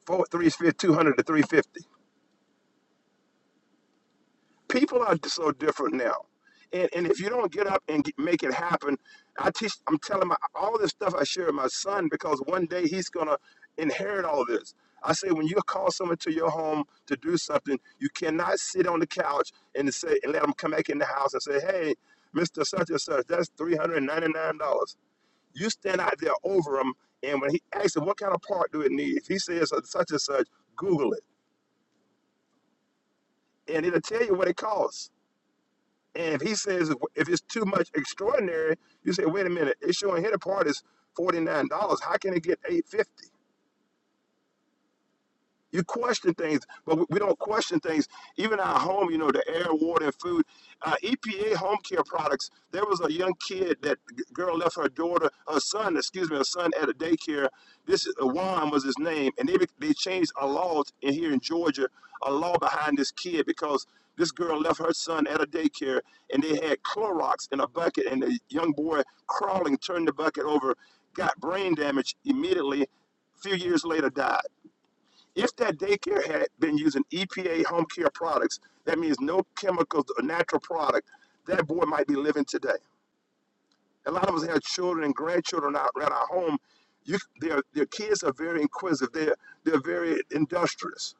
Speaker 6: Four, three, two hundred to 350. people are so different now. And, and if you don't get up and get, make it happen, I teach. I'm telling my all this stuff I share with my son because one day he's gonna inherit all this. I say when you call someone to your home to do something, you cannot sit on the couch and say and let them come back in the house and say, "Hey, Mister Such and Such, that's three hundred ninety nine dollars." You stand out there over him, and when he asks him what kind of part do it need, if he says such and such, Google it, and it'll tell you what it costs. And if he says if it's too much extraordinary, you say, wait a minute, it's showing here the part is forty nine dollars. How can it get eight fifty? You question things, but we we don't question things. Even our home, you know, the air, water, and food. Uh, EPA home care products. There was a young kid that g- girl left her daughter, her son, excuse me, her son at a daycare. This is- uh, Juan was his name, and they be- they changed a law in here in Georgia, a law behind this kid because this girl left her son at a daycare, and they had Clorox in a bucket, and the young boy crawling turned the bucket over, got brain damage immediately. A few years later, died if that daycare had been using EPA home care products, that means no chemicals or natural product, that boy might be living today. A lot of us have children and grandchildren out around our home. You, their, their kids are very inquisitive. They're, they're very industrious.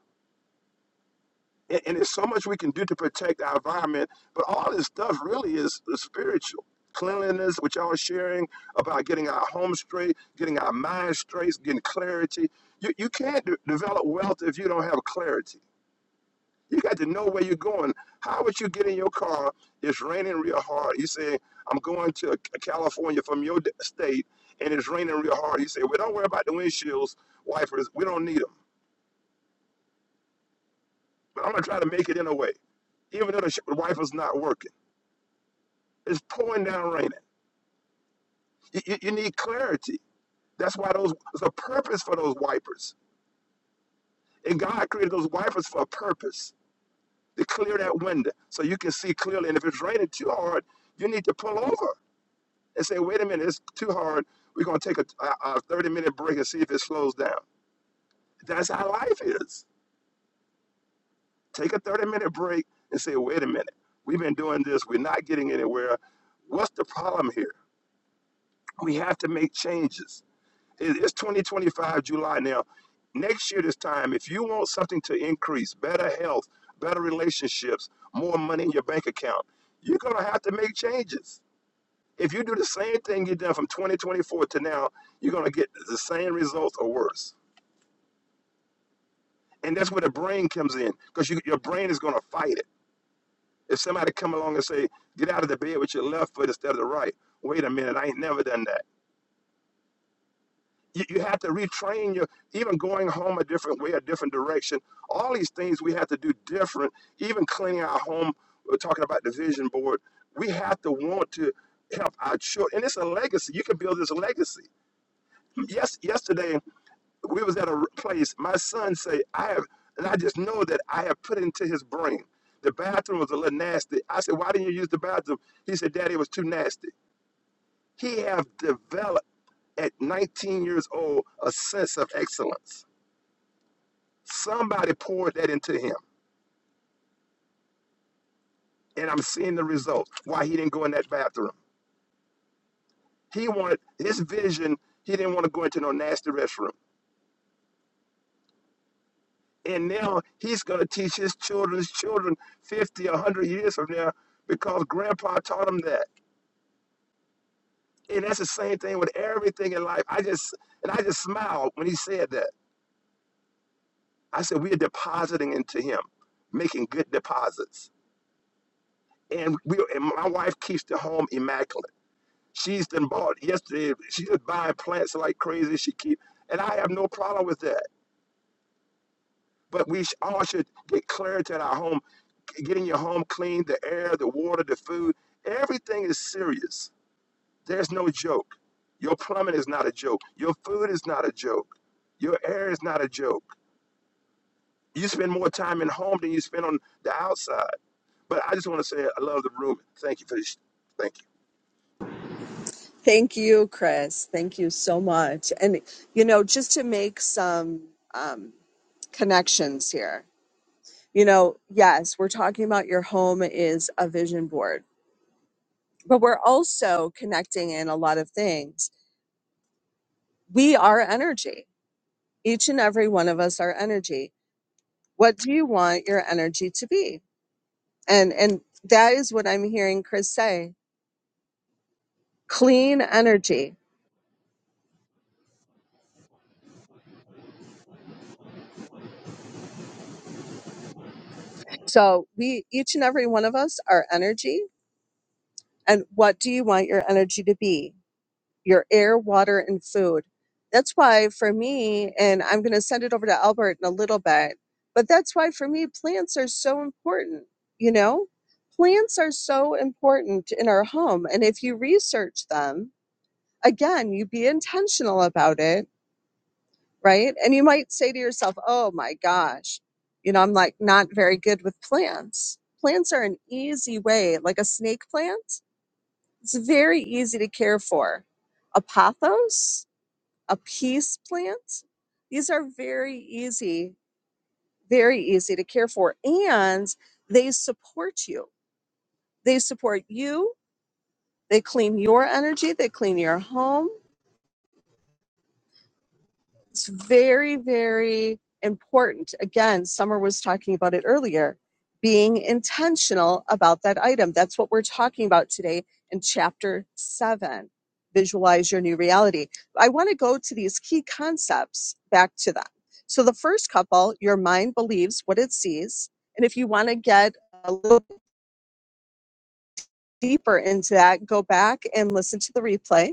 Speaker 6: And, and there's so much we can do to protect our environment, but all this stuff really is, is spiritual. Cleanliness, which y'all are sharing about getting our home straight, getting our minds straight, getting clarity. You, you can't de- develop wealth if you don't have clarity You got to know where you're going. How would you get in your car? It's raining real hard. You say, I'm going to California from your state, and it's raining real hard. You say, well, don't worry about the windshields, wipers. We don't need them. But I'm going to try to make it in a way, even though the wiper's not working. It's pouring down raining. You, you, you need clarity. That's why those, there's a purpose for those wipers. And God created those wipers for a purpose to clear that window so you can see clearly. And if it's raining too hard, you need to pull over. and say, wait a minute, it's too hard. We're going to take a, 30 minute break and see if it slows down. That's how life is. Take a 30 minute break and say, wait a minute, we've been doing this, we're not getting anywhere. What's the problem here? We have to make changes. It's 2025 July now. Next year, this time, if you want something to increase, better health, better relationships, more money in your bank account, you're going to have to make changes. If you do the same thing you've done from 2024 to now, you're going to get the same results or worse. And that's where the brain comes in because you, your brain is going to fight it. If somebody come along and say, get out of the bed with your left foot instead of the right, wait a minute, I ain't never done that. You, you have to retrain your, even going home a different way, a different direction. All these things we have to do different, even cleaning our home. We're talking about the vision board. We have to want to help our children. And it's a legacy. You can build this legacy. Yes, yesterday we was at a place my son say i have and i just know that i have put into his brain the bathroom was a little nasty i said why didn't you use the bathroom he said daddy it was too nasty he have developed at 19 years old a sense of excellence somebody poured that into him and i'm seeing the result why he didn't go in that bathroom he wanted his vision he didn't want to go into no nasty restroom and now he's going to teach his children's children 50 100 years from now because grandpa taught him that And that's the same thing with everything in life. I just and I just smiled when he said that. I said we are depositing into him, making good deposits. And we and my wife keeps the home immaculate. She's been bought yesterday. She's just buying plants like crazy. She keep and I have no problem with that. But we all should get clarity in our home, getting your home clean, the air, the water, the food. Everything is serious There's no joke. Your plumbing is not a joke. Your food is not a joke. Your air is not a joke. You spend more time in home than you spend on the outside. But I just want to say I love the room. Thank you for this. Thank you.
Speaker 1: Thank you, Chris. Thank you so much. And, you know, just to make some um, connections here, you know, yes, we're talking about your home is a vision board, but we're also connecting in a lot of things. We are energy each and every one of us are energy. What do you want your energy to be? And and that is what I'm hearing Chris say. Clean energy. So we each and every one of us are energy. And what do you want your energy to be? Your air, water, and food. That's why for me, and I'm gonna send it over to Albert in a little bit, but that's why for me plants are so important, you know? Plants are so important in our home. And if you research them, again, you be intentional about it, right? And you might say to yourself, oh my gosh, you know, I'm like not very good with plants. Plants are an easy way, like a snake plant, it's very easy to care for. A pothos, a peace plant, these are very easy, very easy to care for. And they support you. They support you. They clean your energy. They clean your home It's very, very important. Again, Summer was talking about it earlier, being intentional about that item. That's what we're talking about today in chapter seven. Visualize your new reality. I want to go to these key concepts back to them. So, the first couple, your mind believes what it sees. And if you want to get a little deeper into that, go back and listen to the replay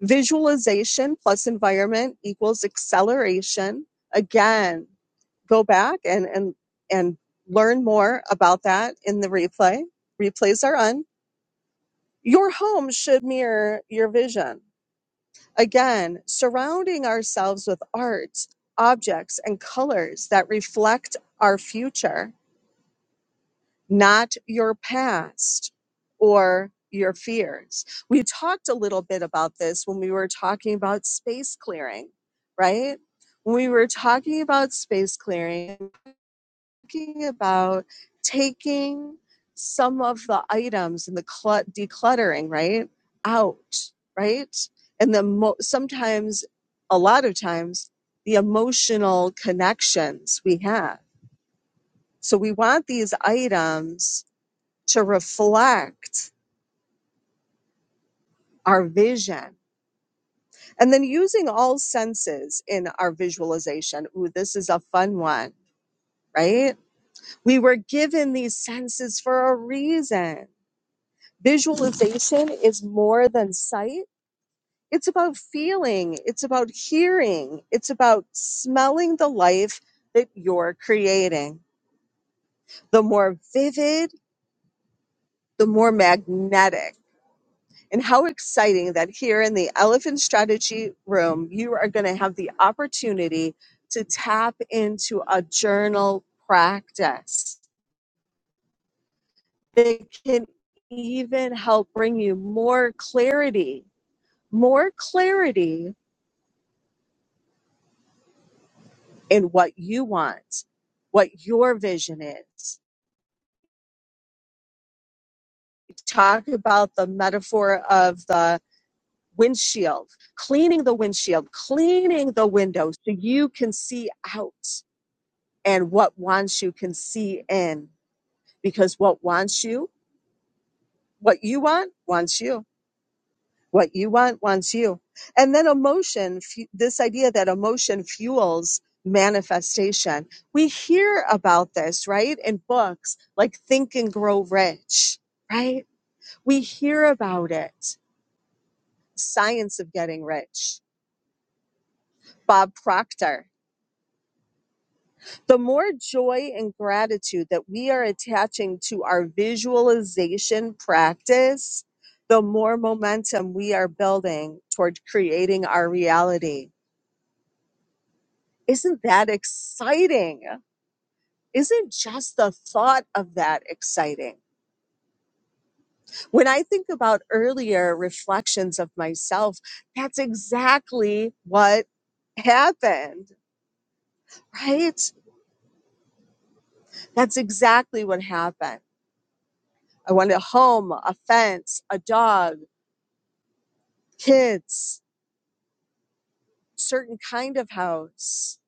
Speaker 1: Visualization plus environment equals acceleration. Again, go back and, and, and learn more about that in the replay. Replays are on. Your home should mirror your vision. Again, surrounding ourselves with art, objects, and colors that reflect our future not your past or your fears. We talked a little bit about this when we were talking about space clearing, right? When we were talking about space clearing, talking about taking some of the items and the clu- decluttering, right, out, right? And the mo- sometimes, a lot of times, the emotional connections we have. So we want these items to reflect our vision. And then using all senses in our visualization. Ooh, this is a fun one, right? We were given these senses for a reason. Visualization is more than sight. It's about feeling, it's about hearing, it's about smelling the life that you're creating. The more vivid, the more magnetic And how exciting that here in the Elephant Strategy Room, you are going to have the opportunity to tap into a journal practice that can even help bring you more clarity, more clarity in what you want, what your vision is. Talk about the metaphor of the windshield, cleaning the windshield, cleaning the window so you can see out and what wants you can see in. Because what wants you, what you want, wants you. What you want, wants you. And then emotion, fu- this idea that emotion fuels manifestation. We hear about this, right? In books like Think and Grow Rich, right? We hear about it. Science of Getting Rich, Bob Proctor the more joy and gratitude that we are attaching to our visualization practice, the more momentum we are building toward creating our reality. Isn't that exciting? Isn't just the thought of that exciting? When I think about earlier reflections of myself, that's exactly what happened, right? That's exactly what happened. I wanted a home, a fence, a dog kids, certain kind of house,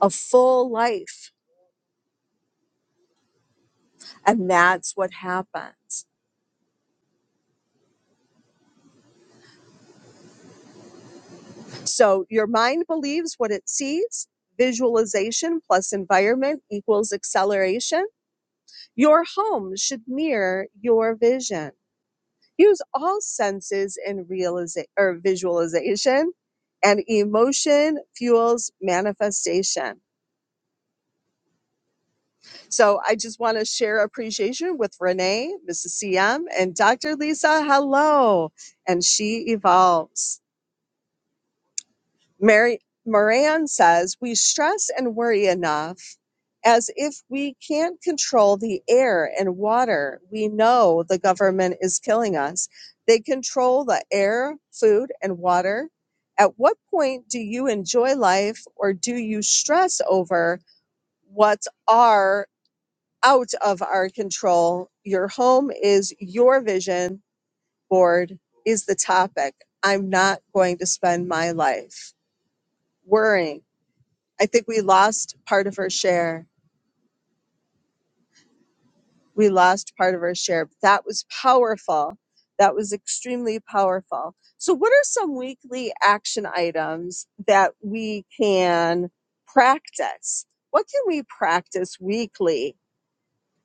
Speaker 1: a full life. And that's what happens. So your mind believes what it sees. Visualization plus environment equals acceleration. Your home should mirror your vision. Use all senses in realization or visualization and emotion fuels manifestation. So I just want to share appreciation with Renee, Mrs. CM, and Dr. Lisa. Hello. And she evolves. Mary Moran says, We stress and worry enough as if we can't control the air and water. We know the government is killing us. They control the air, food, and water. At what point do you enjoy life or do you stress over what's our out of our control. Your home is your vision board is the topic. I'm not going to spend my life worrying. I think we lost part of her share. We lost part of her share. But that was powerful. That was extremely powerful. So, what are some weekly action items that we can practice? What can we practice weekly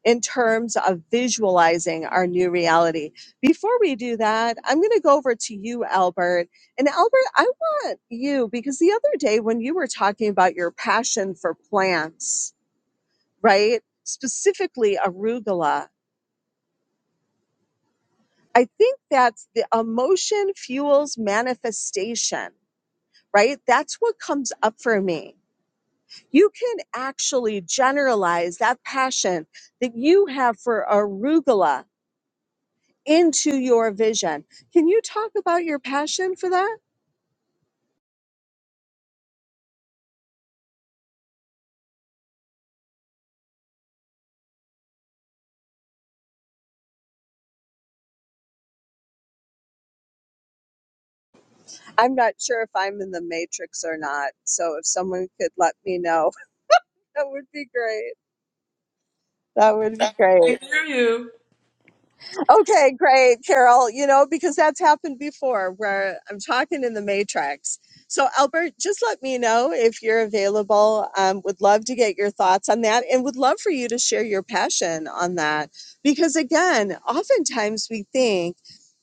Speaker 1: in terms of visualizing our new reality. Before we do that, I'm going to go over to you, Albert. And Albert, I want you because the other day when you were talking about your passion for plants, right? Specifically arugula, I think that's the emotion fuels manifestation, right? That's what comes up for me. You can actually generalize that passion that you have for arugula into your vision. Can you talk about your passion for that? I'm not sure if I'm in the matrix or not. So if someone could let me know, (laughs) that would be great. That would be great. Okay, great, Carol. You know, because that's happened before where I'm talking in the matrix. So, Albert, just let me know if you're available. Um, would love to get your thoughts on that and would love for you to share your passion on that. Because again, oftentimes we think,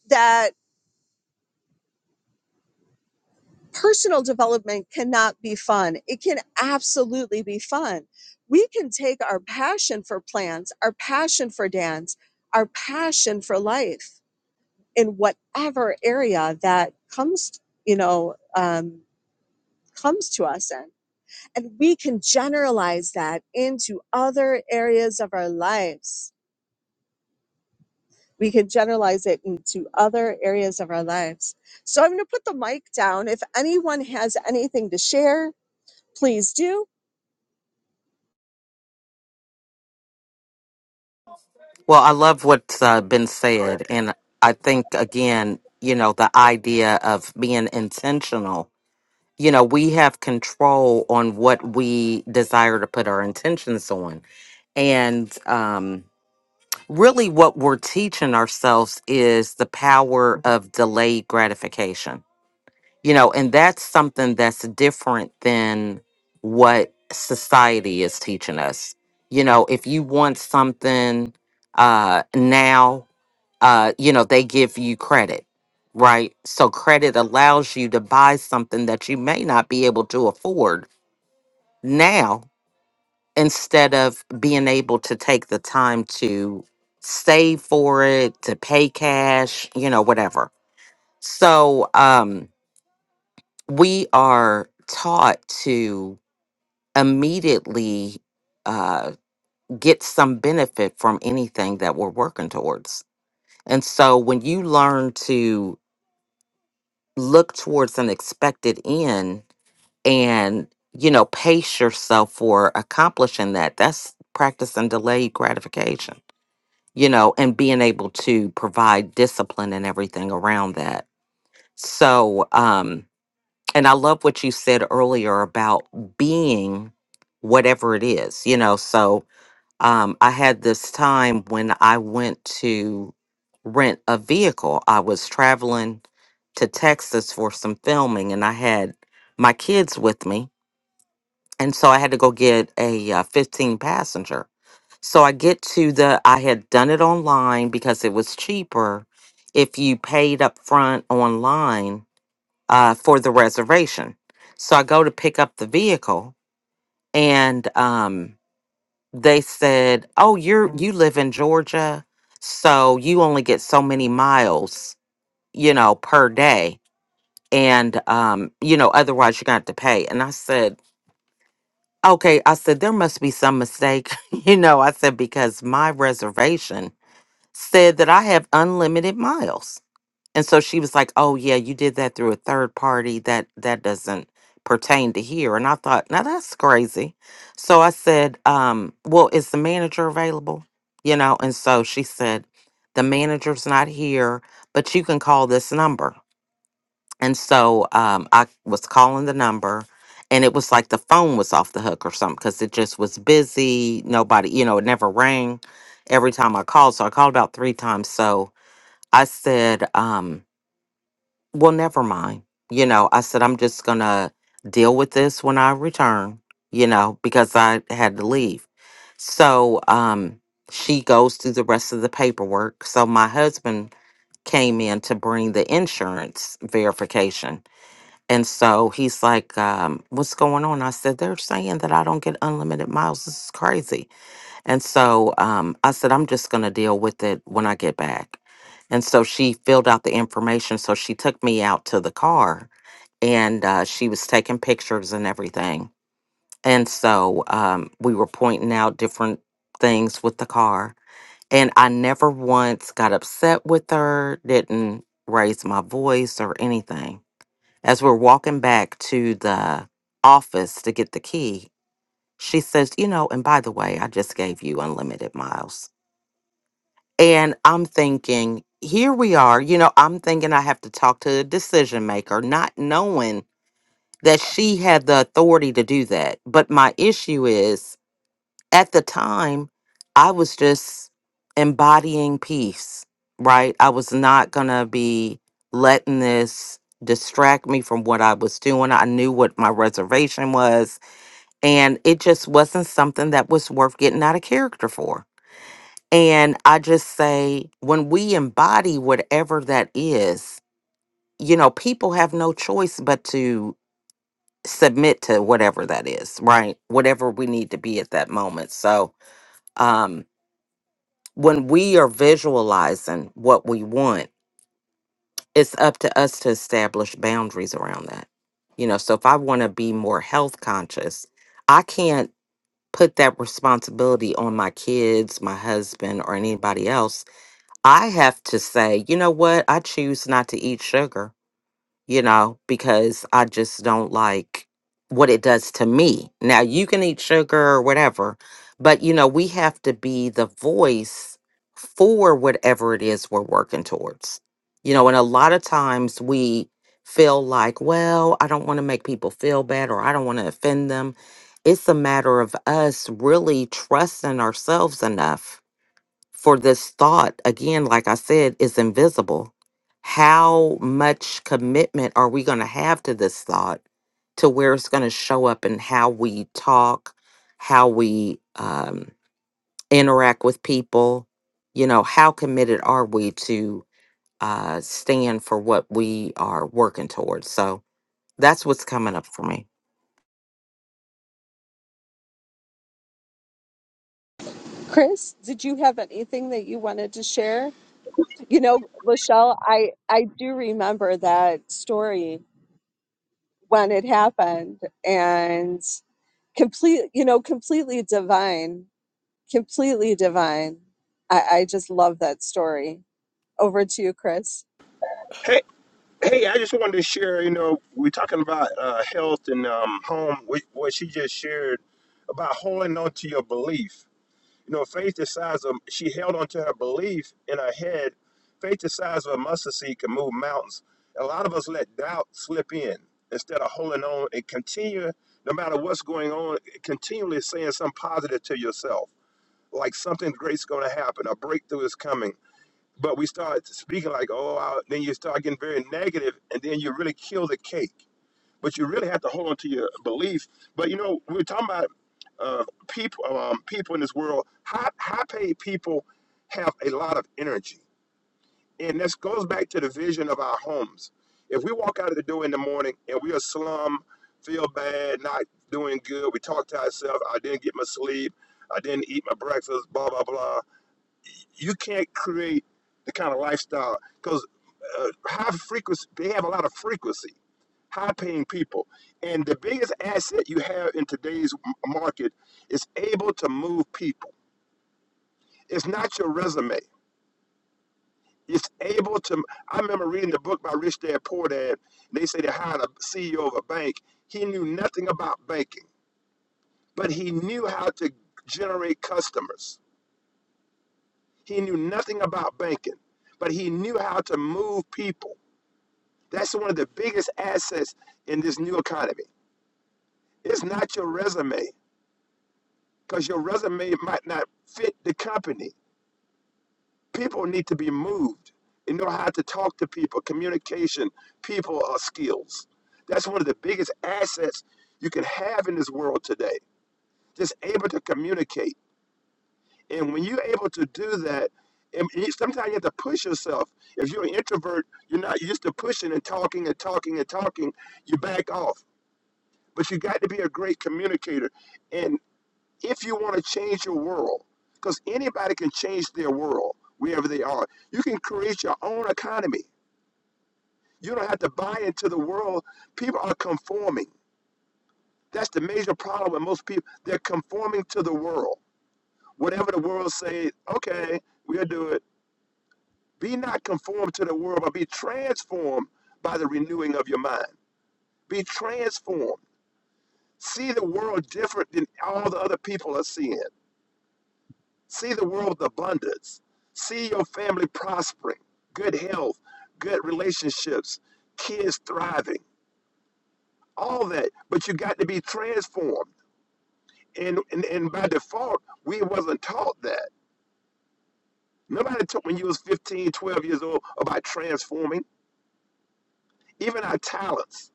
Speaker 1: that personal development cannot be fun. It can absolutely be fun. We can take our passion for plants, our passion for dance, our passion for life in whatever area that comes, you know, um, comes to us in. And we can generalize that into other areas of our lives. We can generalize it into other areas of our lives. So I'm going to put the mic down. If anyone has anything to share, please do
Speaker 4: Well, I love what's uh, been said. And I think, again, you know, the idea of being intentional, you know, we have control on what we desire to put our intentions on. And um, really, what we're teaching ourselves is the power of delayed gratification you know and that's something that's different than what society is teaching us you know if you want something uh now uh you know they give you credit right so credit allows you to buy something that you may not be able to afford now instead of being able to take the time to save for it to pay cash you know whatever so um we are taught to immediately uh, get some benefit from anything that we're working towards. And so when you learn to look towards an expected end and, you know, pace yourself for accomplishing that, that's practicing delayed gratification, you know, and being able to provide discipline and everything around that. So, um, And I love what you said earlier about being whatever it is, you know. So um, I had this time when I went to rent a vehicle. I was traveling to Texas for some filming and I had my kids with me. And so I had to go get a uh, 15 passenger. So I get to the, I had done it online because it was cheaper if you paid up front online uh, for the reservation. So I go to pick up the vehicle, and um, they said, "Oh, you're Mm. you live in Georgia, so you only get so many miles, you know, per day, and um, you know, otherwise you're gonna have to pay." And I said. Okay, I said there must be some mistake, (laughs) you know. I said because my reservation said that I have unlimited miles. And so she was like, "Oh yeah, you did that through a third party. That that doesn't pertain to here." And I thought, "Now that's crazy." So I said, um, "Well, is the manager available?" You know, and so she said, "The manager's not here, but you can call this number." And so um, I was calling the number, and it was like the phone was off the hook or something because it just was busy. Nobody, you know, it never rang every time I called. So I called about three times. So I said, um, well, never mind. You know, I said, I'm just going to deal with this when I return, you know, because I had to leave. So um, she goes through the rest of the paperwork. So my husband came in to bring the insurance verification. And so he's like, um, What's going on? I said, They're saying that I don't get unlimited miles. This is crazy. And so um, I said, I'm just going to deal with it when I get back. And so she filled out the information. So she took me out to the car and uh, she was taking pictures and everything. And so um, we were pointing out different things with the car. And I never once got upset with her, didn't raise my voice or anything. As we're walking back to the office to get the key, she says, You know, and by the way, I just gave you unlimited miles. And I'm thinking, here we are. You know, I'm thinking I have to talk to a decision maker, not knowing that she had the authority to do that. But my issue is at the time, I was just embodying peace, right? I was not going to be letting this distract me from what I was doing. I knew what my reservation was, and it just wasn't something that was worth getting out of character for. And I just say, when we embody whatever that is, you know, people have no choice but to submit to whatever that is, right? Whatever we need to be at that moment. So, um, when we are visualizing what we want, it's up to us to establish boundaries around that. You know, so if I want to be more health conscious, I can't put that responsibility on my kids, my husband, or anybody else I have to say, you know what? I choose not to eat sugar, you know, because I just don't like what it does to me. Now, you can eat sugar or whatever, but you know, we have to be the voice for whatever it is we're working towards. You know, and a lot of times we feel like, well, I don't want to make people feel bad or I don't want to offend them. It's a matter of us really trusting ourselves enough for this thought again like i said is invisible how much commitment are we going to have to this thought to where it's going to show up in how we talk how we um, interact with people you know how committed are we to uh, stand for what we are working towards so that's what's coming up for me
Speaker 1: Chris, did you have anything that you wanted to share? You know, Lachelle, I I do remember that story when it happened, and complete, you know, completely divine, completely divine. I, I just love that story. Over to you, Chris.
Speaker 6: Hey, hey, I just wanted to share. You know, we're talking about uh, health and um, home. wh- What she just shared about holding on to your belief. You know, faith the size of she held onto her belief in her head. Faith the size of a mustard seed can move mountains. A lot of us let doubt slip in instead of holding on and continue, no matter what's going on, continually saying something positive to yourself, like something great's going to happen, a breakthrough is coming. But we start speaking like, oh, I, then you start getting very negative, and then you really kill the cake but you really have to hold on to your belief. But you know, we we're talking about uh, people, um, people in this world. High, high paid people have a lot of energy, and this goes back to the vision of our homes. If we walk out of the door in the morning and we are slum, feel bad, not doing good, we talk to ourselves. I didn't get my sleep. I didn't eat my breakfast. Blah blah blah. You can't create the kind of lifestyle because uh, high frequency. They have a lot of frequency high paying people. And the biggest asset you have in today's market is able to move people. It's not your resume. It's able to. I remember reading the book by Rich Dad Poor Dad. They say they hired a CEO of a bank. He knew nothing about banking, but he knew how to generate customers. He knew nothing about banking, but he knew how to move people. That's one of the biggest assets in this new economy. It's not your resume. because your resume might not fit the company. People need to be moved and know how to talk to people. Communication, people are skills. That's one of the biggest assets you can have in this world today. Just able to communicate. And when you're able to do that, and you- sometimes you have to push yourself. If you're an introvert, you're not used to pushing and talking and talking and talking. You back off. But you got to be a great communicator. and. if you want to change your world, because anybody can change their world wherever they are. You can create your own economy. You don't have to buy into the world. People are conforming. That's the major problem with most people. They're conforming to the world. Whatever the world says, okay, we'll do it. Be not conformed to the world, but be transformed by the renewing of your mind. Be transformed. See the world different than all the other people are seeing See the world abundance. See your family prospering, good health, good relationships, kids thriving, all that. But you got to be transformed. And, and, and by default, we wasn't taught that. Nobody taught when you was 15, 12 years old about transforming, even our talents.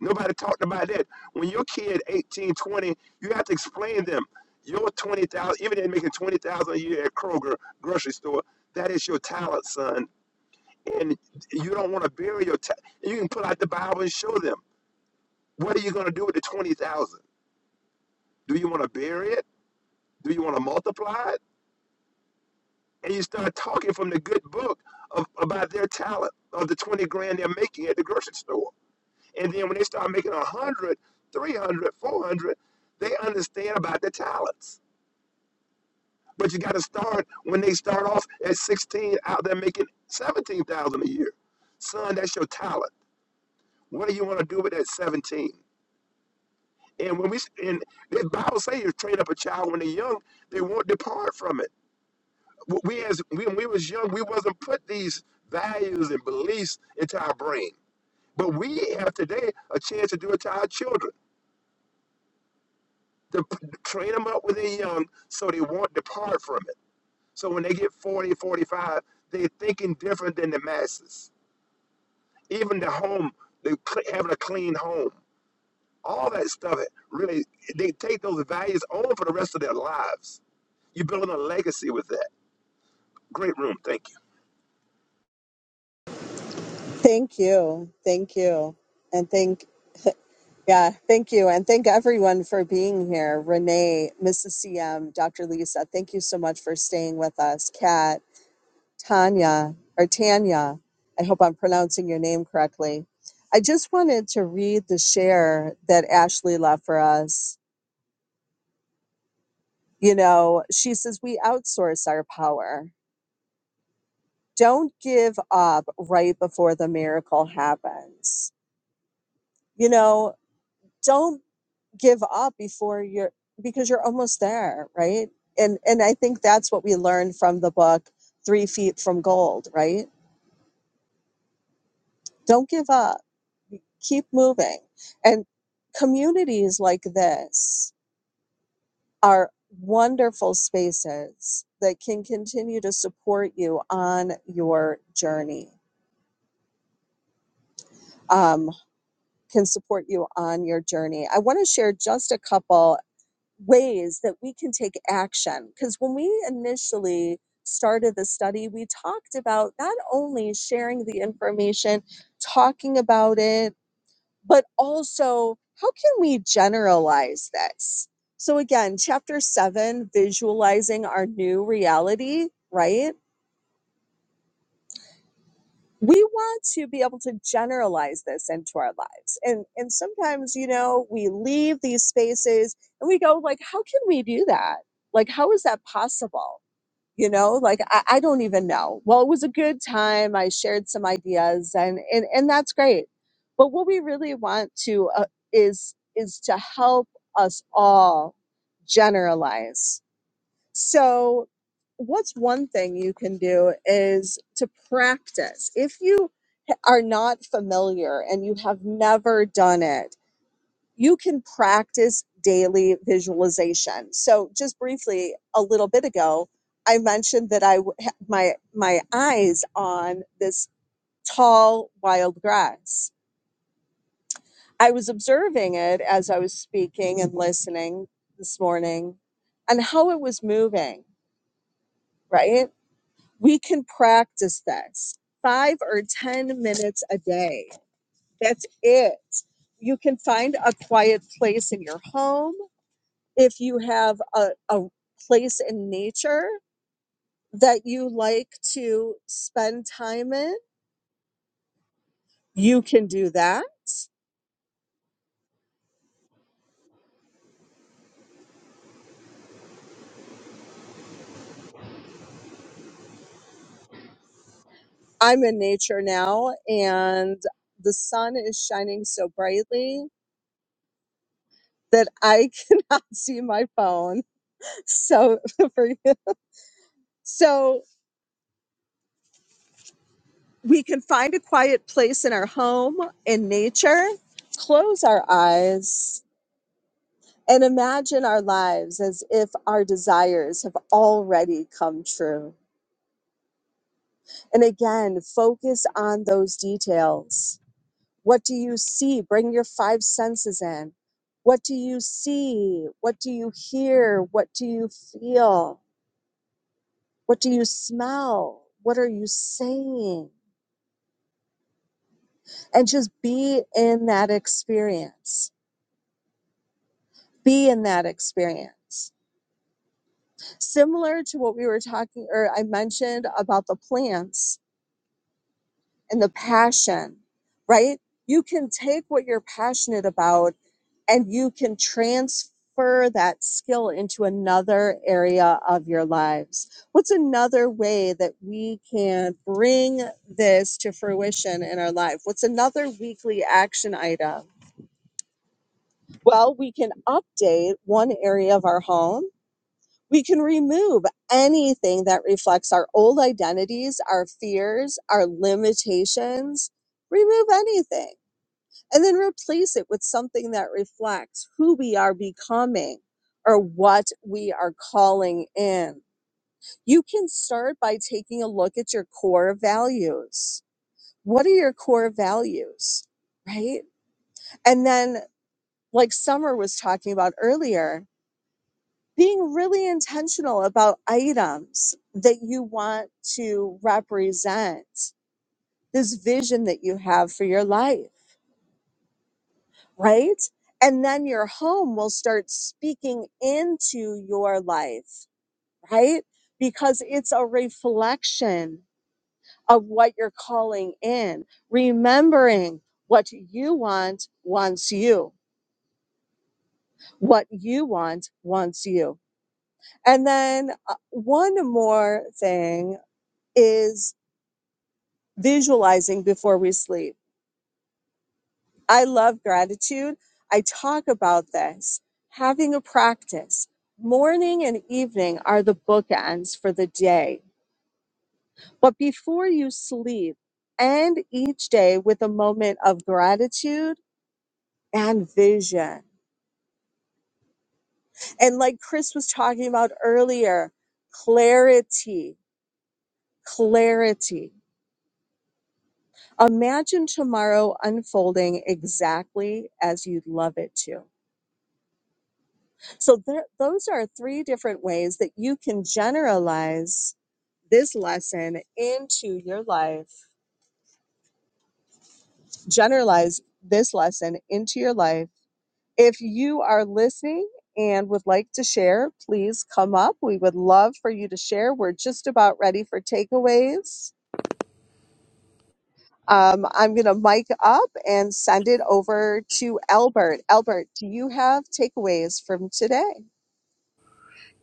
Speaker 6: Nobody talked about that. When your kid 18, 20, you have to explain them. Your 20,000, even if they're making 20,000 a year at Kroger grocery store, that is your talent, son and you don't want to bury your. ta you can pull out the Bible and show them. What are you going to do with the twenty thousand? Do you want to bury it? Do you want to multiply it? And you start talking from the good book of, about their talent of the twenty grand they're making at the grocery store. And then when they start making a hundred, three hundred, four hundred, they understand about their talents. But you got to start when they start off at sixteen, out there making seventeen thousand a year. Son, that's your talent. What do you want to do with that seventeen? And when we and the Bible says you train up a child when they're young, they won't depart from it. We as we, when we was young, we wasn't put these values and beliefs into our brain. But we have today a chance to do it to our children, to p- train them up when they're young so they won't depart from it. So when they get forty, forty-five, they're thinking different than the masses. Even the home, the, cl- having a clean home, all that stuff really, they take those values on for the rest of their lives You're building a legacy with that. Great room. Thank you.
Speaker 1: Thank you. Thank you. And thank, yeah, thank you. And thank everyone for being here. Renee, Mrs. CM, Dr. Lisa, thank you so much for staying with us. Kat, Tanya or Tanya. I hope I'm pronouncing your name correctly. I just wanted to read the share that Ashley left for us. You know, she says, We outsource our power. Don't give up right before the miracle happens. You know, don't give up before you're, because you're almost there, right? And, and I think that's what we learned from the book, Three Feet from Gold, right? Don't give up. Keep moving. And communities like this are wonderful spaces that can continue to support you on your journey. Um, can support you on your journey. I want to share just a couple ways that we can take action because when we initially started the study, we talked about not only sharing the information, talking about it, but also how can we generalize this so again chapter 7 visualizing our new reality right we want to be able to generalize this into our lives and and sometimes you know we leave these spaces and we go like how can we do that like how is that possible you know like I, I don't even know well it was a good time i shared some ideas and and, and that's great but what we really want to uh, is is to help us all generalize so what's one thing you can do is to practice if you are not familiar and you have never done it you can practice daily visualization. So just briefly, a little bit ago, I mentioned that I had my my eyes on this tall wild grass. I was observing it as I was speaking and listening this morning and how it was moving, right? We can practice this. 5 or 10 minutes a day. That's it. You can find a quiet place in your home if you have a, a place in nature that you like to spend time in, you can do that. I'm in nature now and the sun is shining so brightly that I (laughs) cannot see my phone. So (laughs) for you. So we can find a quiet place in our home in nature, close our eyes and imagine our lives as if our desires have already come true And again, focus on those details. What do you see? Bring your five senses in. What do you see? What do you hear? What do you feel? What do you smell? What are you saying? And just be in that experience. Be in that experience. Similar to what we were talking, or I mentioned about the plants and the passion, right? You can take what you're passionate about and you can transfer that skill into another area of your lives. What's another way that we can bring this to fruition in our life? What's another weekly action item? Well, we can update one area of our home we can remove anything that reflects our old identities, our fears, our limitations. Remove anything and then replace it with something that reflects who we are becoming or what we are calling in. You can start by taking a look at your core values. What are your core values? Right. And then, like Summer was talking about earlier, being really intentional about items that you want to represent this vision that you have for your life, right? And then your home will start speaking into your life, right? Because it's a reflection of what you're calling in, remembering what you want wants you, what you want wants you. And then uh, one more thing is visualizing before we sleep. I love gratitude. I talk about this. Having a practice. Morning and evening are the bookends for the day. But before you sleep, end each day with a moment of gratitude and vision. And like Chris was talking about earlier, clarity, clarity. Imagine tomorrow unfolding exactly as you'd love it to So there, those are three different ways that you can generalize this lesson into your life. Generalize this lesson into your life. If you are listening and would like to share, please come up. We would love for you to share. We're just about ready for takeaways. Um, I'm going to mic up and send it over to Albert. Albert, do you have takeaways from today?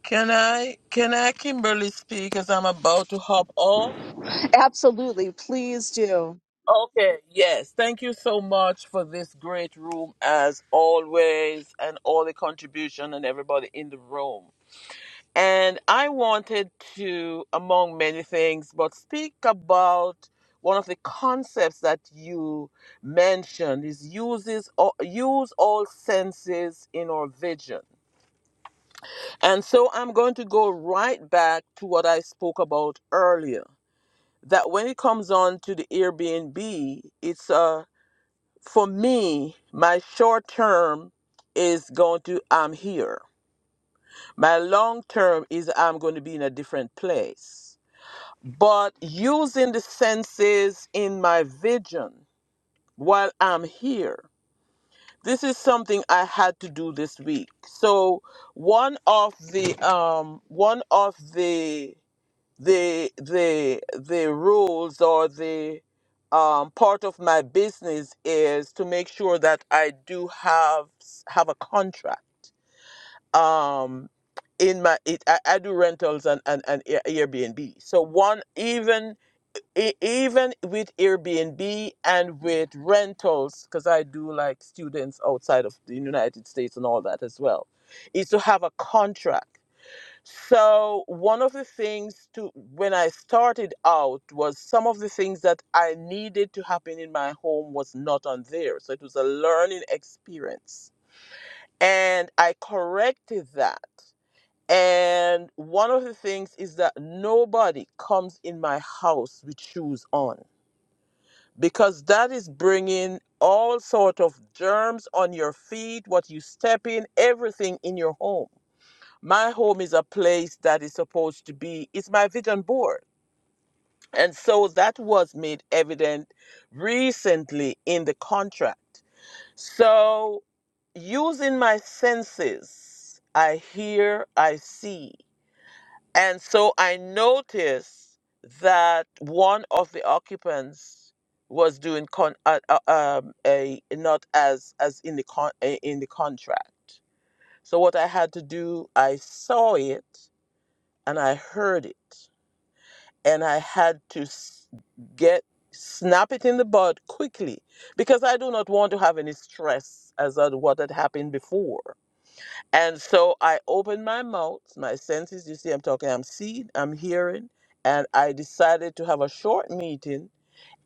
Speaker 3: Can I, can I, Kimberly, speak as I'm about to hop off?
Speaker 1: Absolutely. Please do.
Speaker 3: Okay, yes. Thank you so much for this great room, as always, and all the contribution and everybody in the room. And I wanted to, among many things, but speak about one of the concepts that you mentioned is uses all, use all senses in our vision. And so I'm going to go right back to what I spoke about earlier. That when it comes on to the Airbnb, it's uh for me, my short term is going to I'm here. My long term is I'm going to be in a different place but using the senses in my vision while I'm here. This is something I had to do this week. So one of the um one of the the the the rules or the um, part of my business is to make sure that I do have have a contract. Um, in my it, I, I do rentals and and, and Air- Airbnb. So one even E- even with Airbnb and with rentals, because I do like students outside of the United States and all that as well, is to have a contract. So one of the things to when I started out was some of the things that I needed to happen in my home was not on there. So it was a learning experience. And I corrected that. And one of the things is that nobody comes in my house with shoes on because that is bringing all sort of germs on your feet what you step in everything in your home my home is a place that is supposed to be it's my vision board and so that was made evident recently in the contract so using my senses i hear i see and so I noticed that one of the occupants was doing con- uh, uh, um, a, not as as in the con- uh, in the contract. So what I had to do, I saw it and I heard it, and I had to s- get snap it in the bud quickly because I do not want to have any stress as of what had happened before. And so I opened my mouth, my senses, you see, I'm talking, I'm seeing, I'm hearing, and I decided to have a short meeting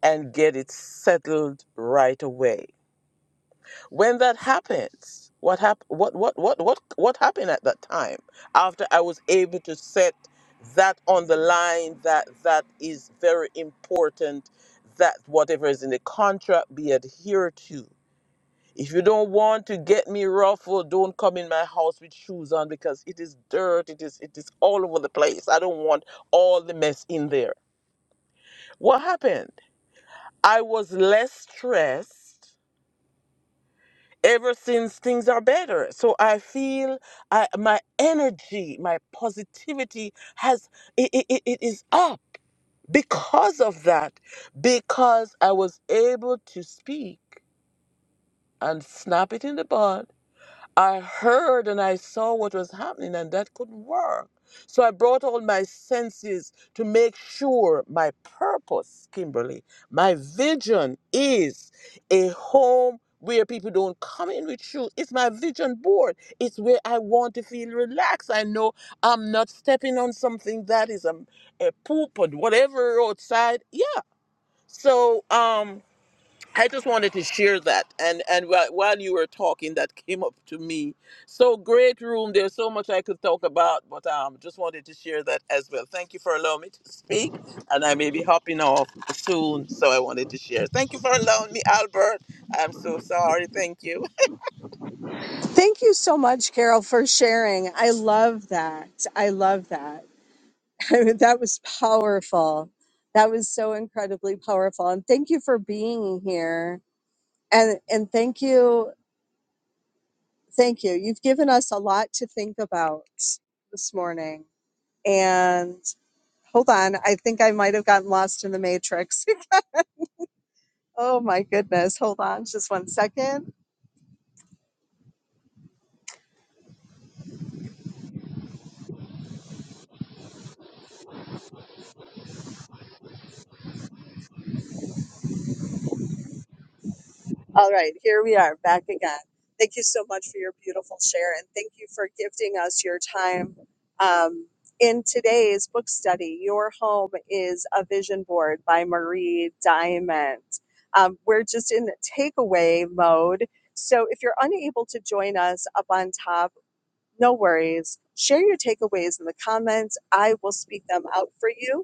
Speaker 3: and get it settled right away. When that happens, what hap- what, what, what, what, what happened at that time after I was able to set that on the line that that is very important that whatever is in the contract be adhered to if you don't want to get me ruffled, don't come in my house with shoes on because it is dirt. It is it is all over the place. I don't want all the mess in there. What happened? I was less stressed ever since things are better. So I feel I, my energy, my positivity has it, it, it it is up because of that. Because I was able to speak and snap it in the bud I heard and I saw what was happening, and that couldn't work. So I brought all my senses to make sure my purpose, Kimberly, my vision is a home where people don't come in with shoes. It's my vision board. It's where I want to feel relaxed. I know I'm not stepping on something that is a, a poop or whatever outside. Yeah. So, um, I just wanted to share that, and and whi- while you were talking, that came up to me. So great room. There's so much I could talk about, but um, just wanted to share that as well. Thank you for allowing me to speak, and I may be hopping off soon, so I wanted to share. Thank you for allowing me, Albert. I'm so sorry. Thank you.
Speaker 1: Thank you so much, Carol, for sharing. I love that. I love that. (laughs) I mean, that was powerful. That was so incredibly powerful. And thank you for being here. And and thank you, thank you. You've given us a lot to think about this morning. And hold on, I think I might have gotten lost in the matrix. (laughs) oh my goodness. Hold on just one second. All right, here we are back again. Thank you so much for your beautiful share and thank you for gifting us your time. Um, in today's book study, Your Home is a Vision Board by Marie Diamond. Um, we're just in takeaway mode. So if you're unable to join us up on top, no worries. Share your takeaways in the comments. I will speak them out for you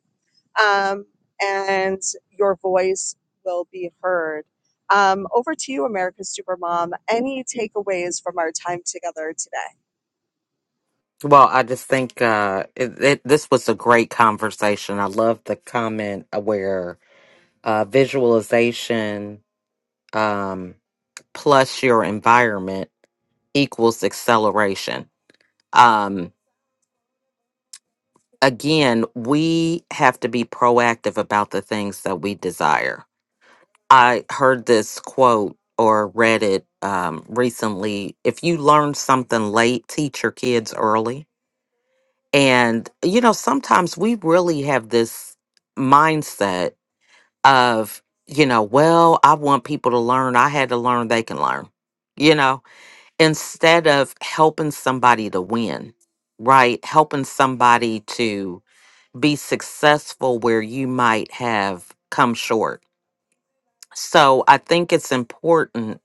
Speaker 1: um, and your voice will be heard. Um, over to you, America's Supermom. Any takeaways from our time together today?
Speaker 4: well, I just think uh, it, it, this was a great conversation. I love the comment uh, where uh, visualization um, plus your environment equals acceleration. Um, again, we have to be proactive about the things that we desire. I heard this quote or read it um, recently. If you learn something late, teach your kids early. And, you know, sometimes we really have this mindset of you know well i want people to learn i had to learn they can learn you know instead of helping somebody to win right helping somebody to be successful where you might have come short so i think it's important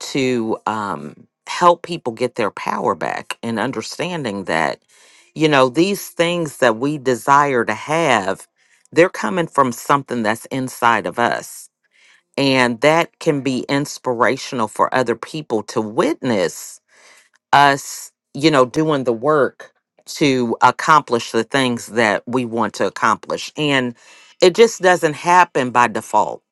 Speaker 4: to um, help people get their power back and understanding that you know these things that we desire to have they're coming from something that's inside of us and that can be inspirational for other people to witness us, you know, doing the work to accomplish the things that we want to accomplish. And it just doesn't happen by default.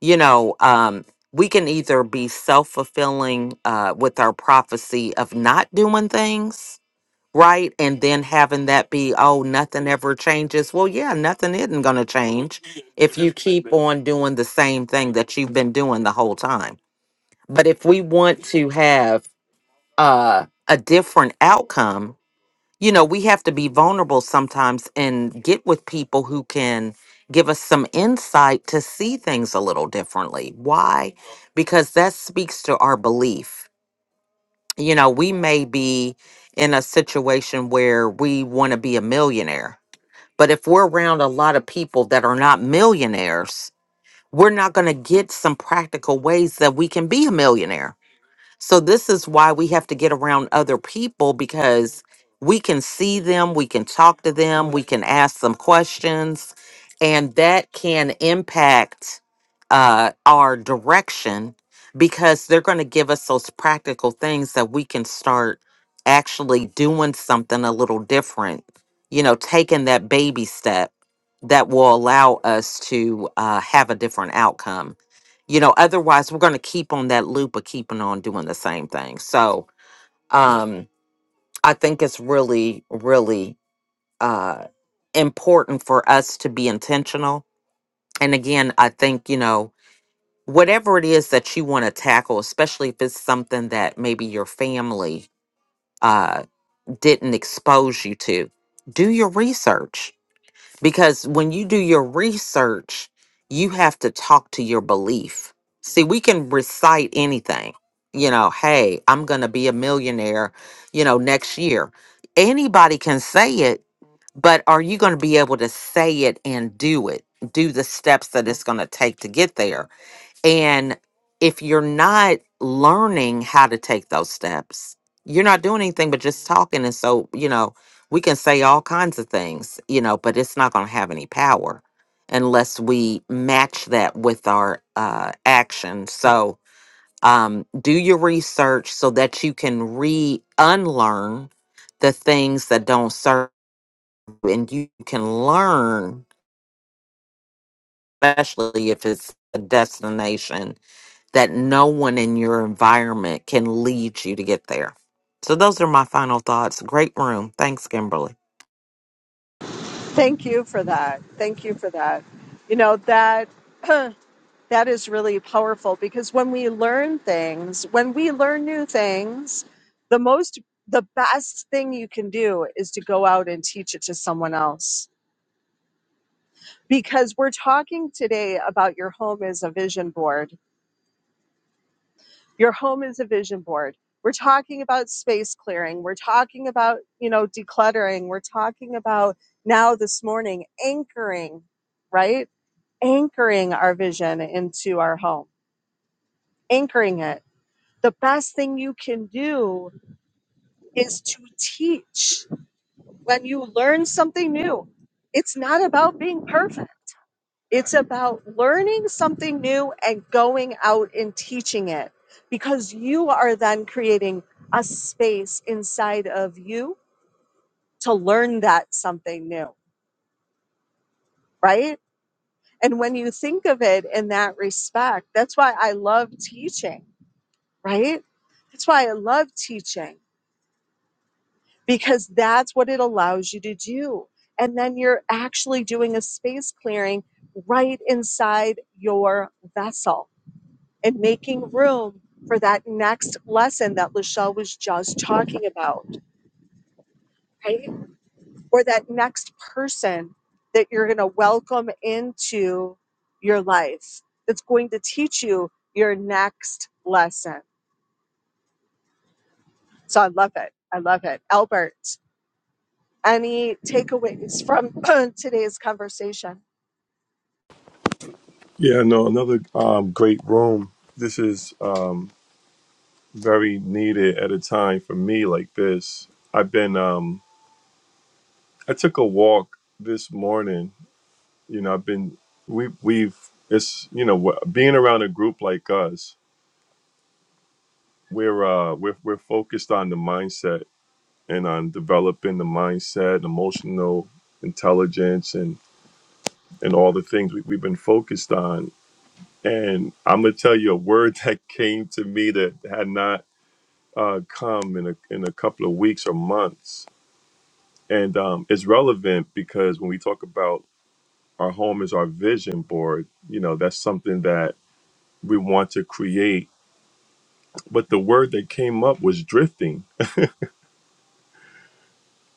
Speaker 4: You know, um, we can either be self fulfilling uh, with our prophecy of not doing things right? And then having that be, oh, nothing ever changes. Well, yeah, nothing isn't going to change if you keep on doing the same thing that you've been doing the whole time. But if we want to have uh, a different outcome, you know, we have to be vulnerable sometimes and get with people who can give us some insight to see things a little differently. Why? Because that speaks to our belief you know, we may be in a situation where we want to be a millionaire. But if we're around a lot of people that are not millionaires, we're not going to get some practical ways that we can be a millionaire so this is why we have to get around other people because we can see them, we can talk to them, we can ask them questions, and that can impact uh, our direction because they're going to give us those practical things that we can start actually doing something a little different. You know, taking that baby step that will allow us to uh, have a different outcome you know otherwise we're going to keep on that loop of keeping on doing the same thing so um i think it's really really uh important for us to be intentional and again i think you know whatever it is that you want to tackle especially if it's something that maybe your family uh didn't expose you to do your research because when you do your research, you have to talk to your belief. See, we can recite anything. You know, hey, I'm going to be a millionaire, you know, next year. Anybody can say it, but are you going to be able to say it and do it? Do the steps that it's going to take to get there? And if you're not learning how to take those steps, you're not doing anything but just talking. And so, you know, we can say all kinds of things, you know, but it's not going to have any power unless we match that with our uh, action. So, um, do your research so that you can re unlearn the things that don't serve you and you can learn, especially if it's a destination that no one in your environment can lead you to get there. So those are my final thoughts. Great room. Thanks, Kimberly.
Speaker 1: Thank you for that. Thank you for that. You know that (clears throat) that is really powerful because when we learn things, when we learn new things, the most the best thing you can do is to go out and teach it to someone else because we're talking today about your home as a vision board Your home is a vision board. We're talking about space clearing. We're talking about, you know, decluttering. We're talking about now this morning anchoring, right? Anchoring our vision into our home, anchoring it. The best thing you can do is to teach. When you learn something new, it's not about being perfect It's about learning something new and going out and teaching it because you are then creating a space inside of you to learn that something new, right? And when you think of it in that respect, that's why I love teaching, right? That's why I love teaching because that's what it allows you to do. And then you're actually doing a space clearing right inside your vessel and making room for that next lesson that Lachelle was just talking about, right? Or that next person that you're going to welcome into your life that's going to teach you your next lesson. So I love it. I love it. Albert, any takeaways from (clears throat) today's conversation?
Speaker 2: Yeah, no, another um, great room. This is um, very needed at a time for me like this. I've been um I took a walk this morning. You know, I've been we we've it's you know wh- being around a group like us, we're uh we're we're focused on the mindset and on developing the mindset, emotional intelligence and and all the things we, we've been focused on. And I'm gonna tell you a word (laughs) that came to me that had not uh, come in a in a couple of weeks or months and um, it's relevant because when we talk about our home is our vision board you know that's something that we want to create but the word that came up was drifting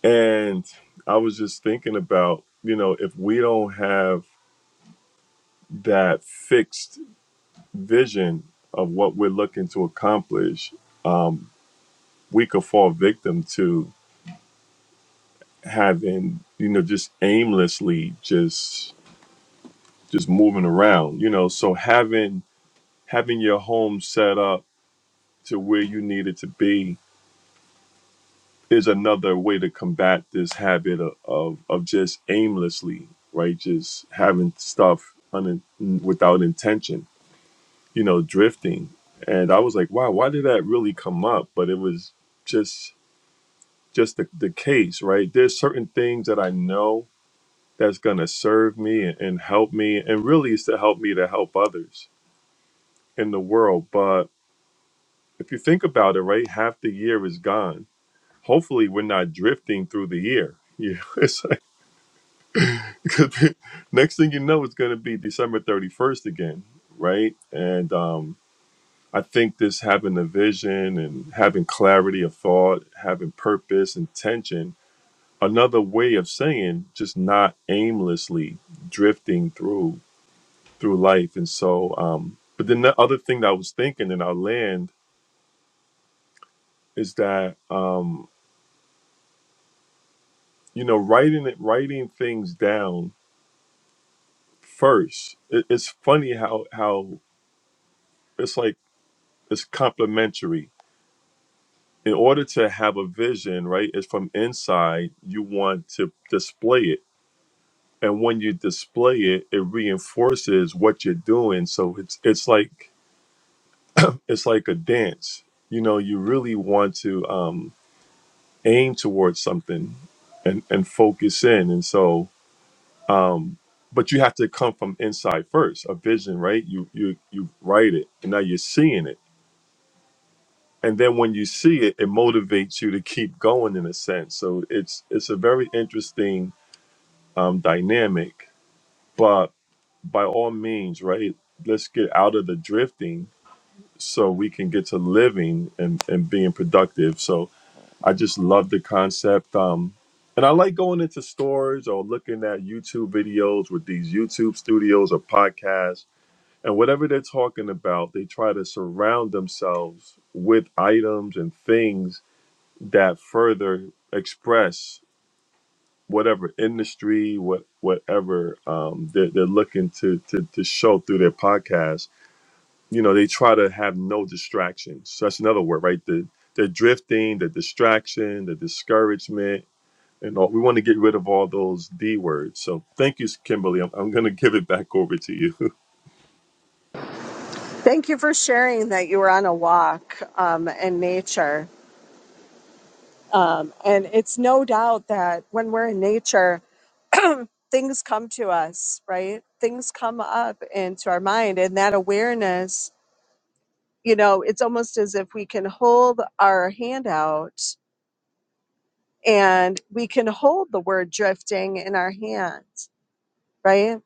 Speaker 2: and i was just thinking about you know if we don't have that fixed vision of what we're looking to accomplish um, we could fall victim to having you know just aimlessly just just moving around you know so having having your home set up to where you need it to be is another way to combat this habit of, of, of just aimlessly right just having stuff un, without intention you know drifting and i was like wow why did that really come up but it was just just the, the case right there's certain things that i know that's going to serve me and, and help me and really is to help me to help others in the world but if you think about it right half the year is gone hopefully we're not drifting through the year. Yeah, (laughs) it's like, could be- next thing you know, it's going to be December 31st again, right? And um, I think this having a vision and having clarity of thought, having purpose, intention, another way of saying just not aimlessly drifting through through life. And so, um, but then the other thing that I was thinking, and I'll land, is that um, you know, writing it, writing things down first. It, it's funny how how it's like it's complementary. In order to have a vision, right, it's from inside. You want to display it, and when you display it, it reinforces what you're doing. So it's it's like it's like a dance. You know, you really want to um, aim towards something and and focus in, and so. Um, but you have to come from inside first. A vision, right? You you you write it, and now you're seeing it and then when you see it it motivates you to keep going in a sense so it's it's a very interesting um, dynamic but by all means right let's get out of the drifting so we can get to living and, and being productive so i just love the concept um, and i like going into stores or looking at youtube videos with these youtube studios or podcasts and whatever they're talking about they try to surround themselves with items and things that further express whatever industry, what whatever um, they're, they're looking to, to to show through their podcast. You know, they try to have no distractions. So that's another word, right? The the drifting, the distraction, the discouragement, and all. We want to get rid of all those D words. So thank you, Kimberly. I'm, I'm going to give it back over to you.
Speaker 1: Thank you for sharing that you were on a walk um, in nature. Um, and it's no doubt that when we're in nature, (laughs) (clears throat) things come to us, right? Things come up into our mind, and that awareness, you know, it's almost as if we can hold our hand out and we can hold the word drifting in our hands, right?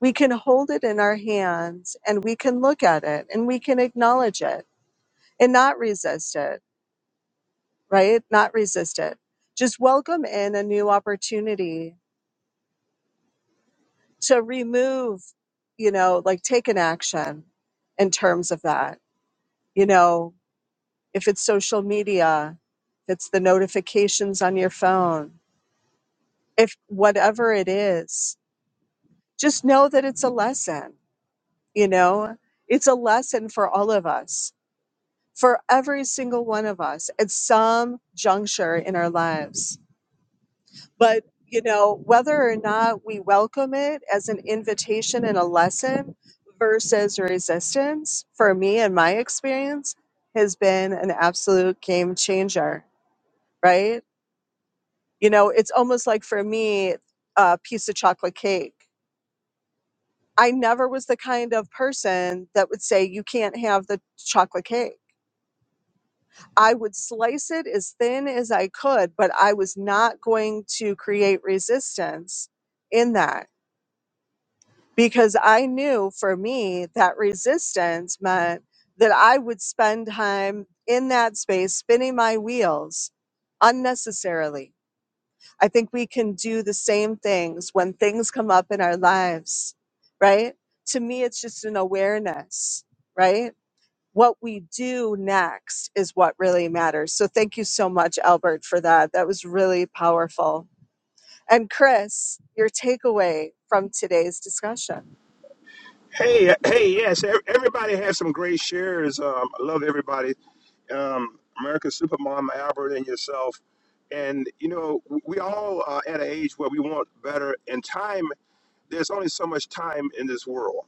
Speaker 1: We can hold it in our hands and we can look at it and we can acknowledge it and not resist it, right? Not resist it. Just welcome in a new opportunity to remove, you know, like take an action in terms of that. You know, if it's social media, if it's the notifications on your phone, if whatever it is, just know that it's a lesson, you know, it's a lesson for all of us, for every single one of us at some juncture in our lives But, you know, whether or not we welcome it as an invitation and a lesson versus resistance, for me and my experience, has been an absolute game changer, right? You know, it's almost like for me, a piece of chocolate cake. I never was the kind of person that would say, you can't have the chocolate cake. I would slice it as thin as I could, but I was not going to create resistance in that because I knew for me that resistance meant that I would spend time in that space spinning my wheels unnecessarily. I think we can do the same things when things come up in our lives, right? To me, it's just an awareness, right? What we do next is what really matters. So, thank you so much, Albert, for that. That was really powerful. And, Chris, your takeaway from today's discussion.
Speaker 6: Hey, uh, hey, yes. ev- Everybody has some great shares. Um, I love everybody. Um, America's Supermom, Albert, and yourself. And, you know, w- we all are at an age where we want better. And time, there's only so much time in this world.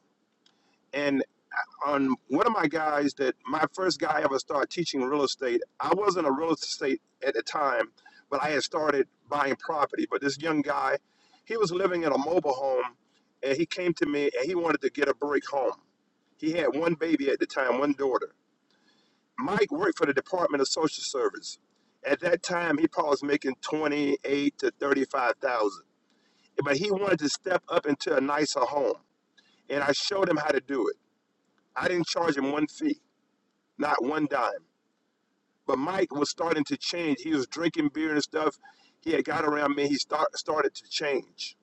Speaker 6: on one of my guys that my first guy ever started teaching real estate. I wasn't a real estate at the time, but I had started buying property. But this young guy, he was living in a mobile home and he came to me and he wanted to get a break home. He had one baby at the time, one daughter. Mike worked for the Department of Social Service. At that time, he probably was making twenty-eight to thirty-five thousand, but he wanted to step up into a nicer home, and I showed him how to do it. I didn't charge him one fee, not one dime. But Mike was starting to change. He was drinking beer and stuff. He had got around me. He start, started to change,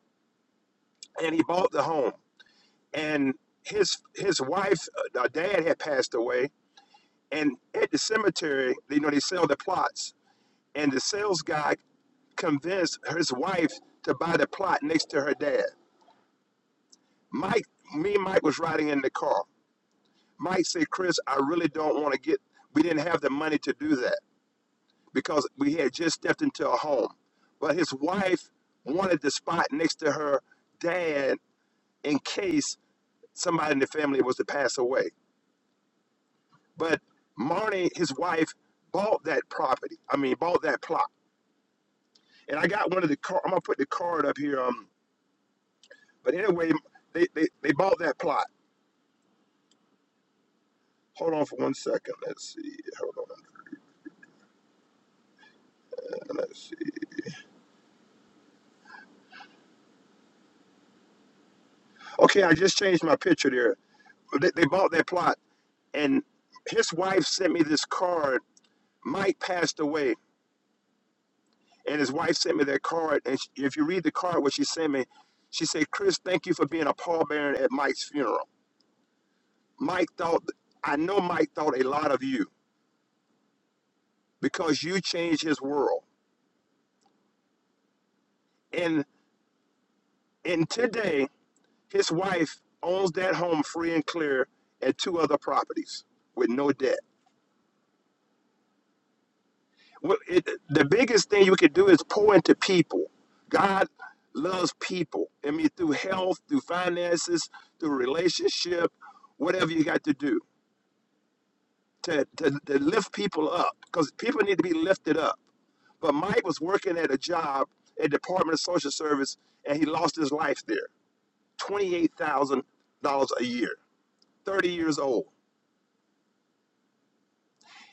Speaker 6: and he bought the home. And his his wife, uh, uh, dad, had passed away. And at the cemetery, you know, they sell the plots. And the sales guy convinced his wife to buy the plot next to her dad. Mike, me and Mike was riding in the car. Mike said, "Chris, I really don't want to get. We didn't have the money to do that." because we had just stepped into a home. But his wife wanted the spot next to her dad in case somebody in the family was to pass away. But Marnie, his wife, bought that property. I mean, bought that plot. And I got one of the card. I'm gonna put the card up here. Um, but anyway, they, they, they bought that plot. Hold on for one second. Let's see. Hold on. Let's see. Okay, I just changed my picture there. They, they bought that plot, and his wife sent me this card. Mike passed away. and his wife sent me that card. And sh if you read the card, what she sent me, she said, "Chris, thank you for being a pallbearer at Mike's funeral. Mike thought, I know Mike thought a lot of you because you changed his world. And and today, his wife owns that home free and clear, and two other properties with no debt. Well, it, the biggest thing you can do is pour into people. God loves people. I mean, through health, through finances, through relationship, whatever you got to do to, to, to lift people up because people need to be lifted up. But Mike was working at a job at Department of Social Service and he lost his life there. $28,000 a year, 30 years old.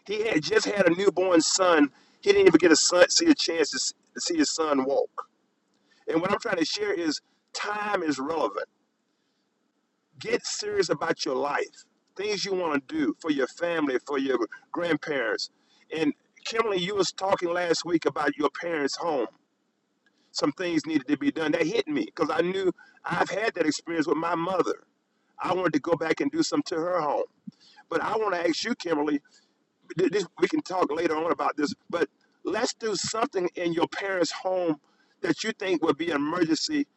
Speaker 6: He had just had a newborn son. He didn't even get a son, see a chance to to see his son walk. And what I'm trying to share is time is relevant Get serious about your life, things you want to do for your family, for your grandparents. And Kimberly, you was talking last week about your parents' home. Some things needed to be done. That hit me because I knew I've had that experience with my mother. I wanted to go back and do something to her home. But I want to ask you, Kimberly, th- this, we can talk later on about this, but let's do something in your parents' home that you think would be an emergency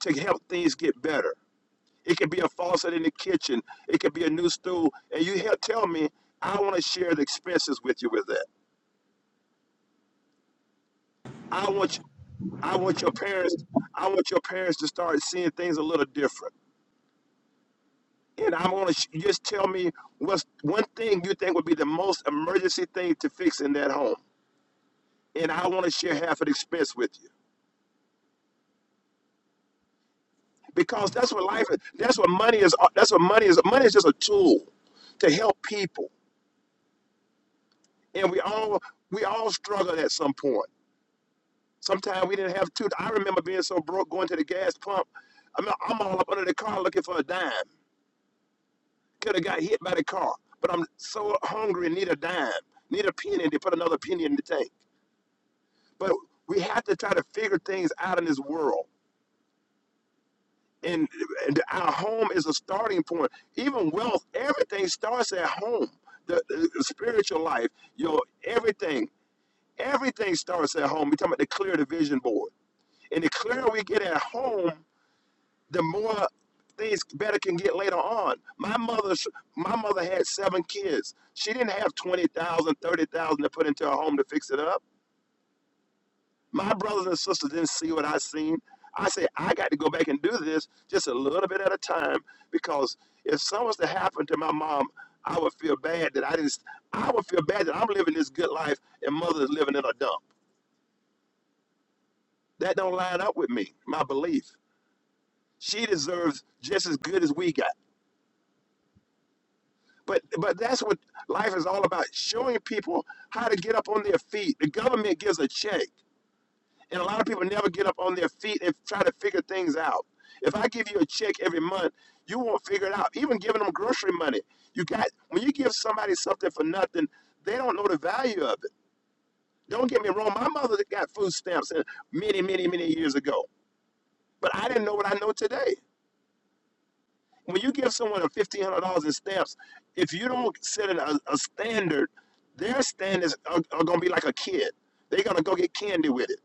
Speaker 6: to help things get better. It could be a faucet in the kitchen. It could be a new stool. And you here tell me, I want to share the expenses with you with that. I want you, I want your parents, I want your parents to start seeing things a little different. And I want to sh- just tell me what's one thing you think would be the most emergency thing to fix in that home. And I want to share half of the expense with you because that's what life is. That's what money is. That's what money is. Money is just a tool to help people, and we all we all struggle at some point. Sometimes we didn't have two. I remember being so broke going to the gas pump. I'm, I'm all up under the car looking for a dime. Could have got hit by the car, but I'm so hungry and need a dime, need a penny to put another penny in the tank. But we have to try to figure things out in this world. And, and our home is a starting point. Even wealth, everything starts at home. The, the the spiritual life, your everything, everything starts at home. We're talking about the clear the vision board. And the clearer we get at home, the more things better can get later on. My mother, sh- my mother had seven kids. She didn't have 20,000, 30,000 to put into her home to fix it up. My brothers and sisters didn't see what I seen. I said, I got to go back and do this just a little bit at a time because if something was to happen to my mom, I would feel bad that I didn't, s- I would feel bad that I'm living this good life and mother is living in a dump. That don't line up with me, my belief. She deserves just as good as we got. But but that's what life is all about: showing people how to get up on their feet. The government gives a check, and a lot of people never get up on their feet and try to figure things out. If I give you a check every month, you won't figure it out. Even giving them grocery money, you got when you give somebody something for nothing, they don't know the value of it. Don't get me wrong; my mother got food stamps uh, many, many, many years ago, but I didn't know what I know today. when you give someone a fifteen hundred dollars in stamps, if you don't set it a, a standard, their standards are, are gonna be like a kid. They're gonna go get candy with it,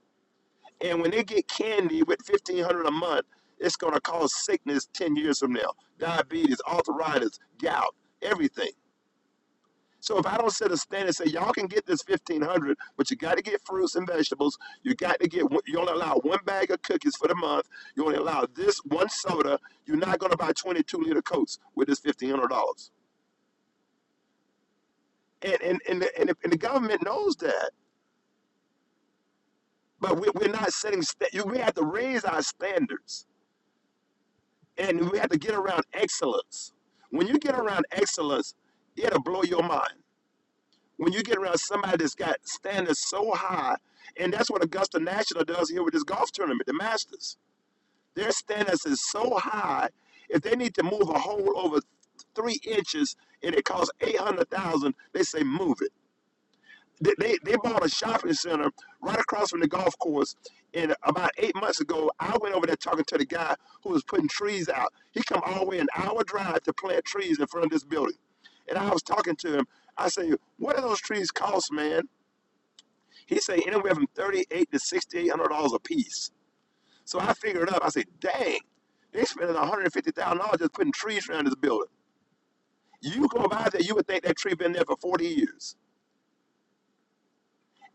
Speaker 6: and when they get candy with fifteen hundred a month, it's gonna cause sickness ten years from now, diabetes, arthritis, gout, everything. So if I don't set a standard and say, y'all can get this 1500, but you got to get fruits and vegetables. You got to get, you only allow one bag of cookies for the month. You only allow this one soda. You're not going to buy 22 liter Cokes with this $1,500. And, and, and, the, and, the, and the government knows that, but we, we're not setting, sta- we have to raise our standards and we have to get around excellence. When you get around excellence, it'll blow your mind. when you get around somebody that's got standards so high, and that's what Augusta National does here with this golf tournament, the Masters. Their standards is so high, if they need to move a hole over three inches and it costs eight hundred thousand, dollars, they say move it. They, they they bought a shopping center right across from the golf course, and about eight months ago, I went over there talking to the guy who was putting trees out. He come all the way an hour drive to plant trees in front of this building, and I was talking to him. I say, "What do those trees cost, man?" He say anywhere from thirty-eight to sixty-eight hundred dollars a piece. So I figured it up. I said, dang, they spending one hundred fifty thousand dollars just putting trees around this building. You go by there, you would think that tree been there for forty years.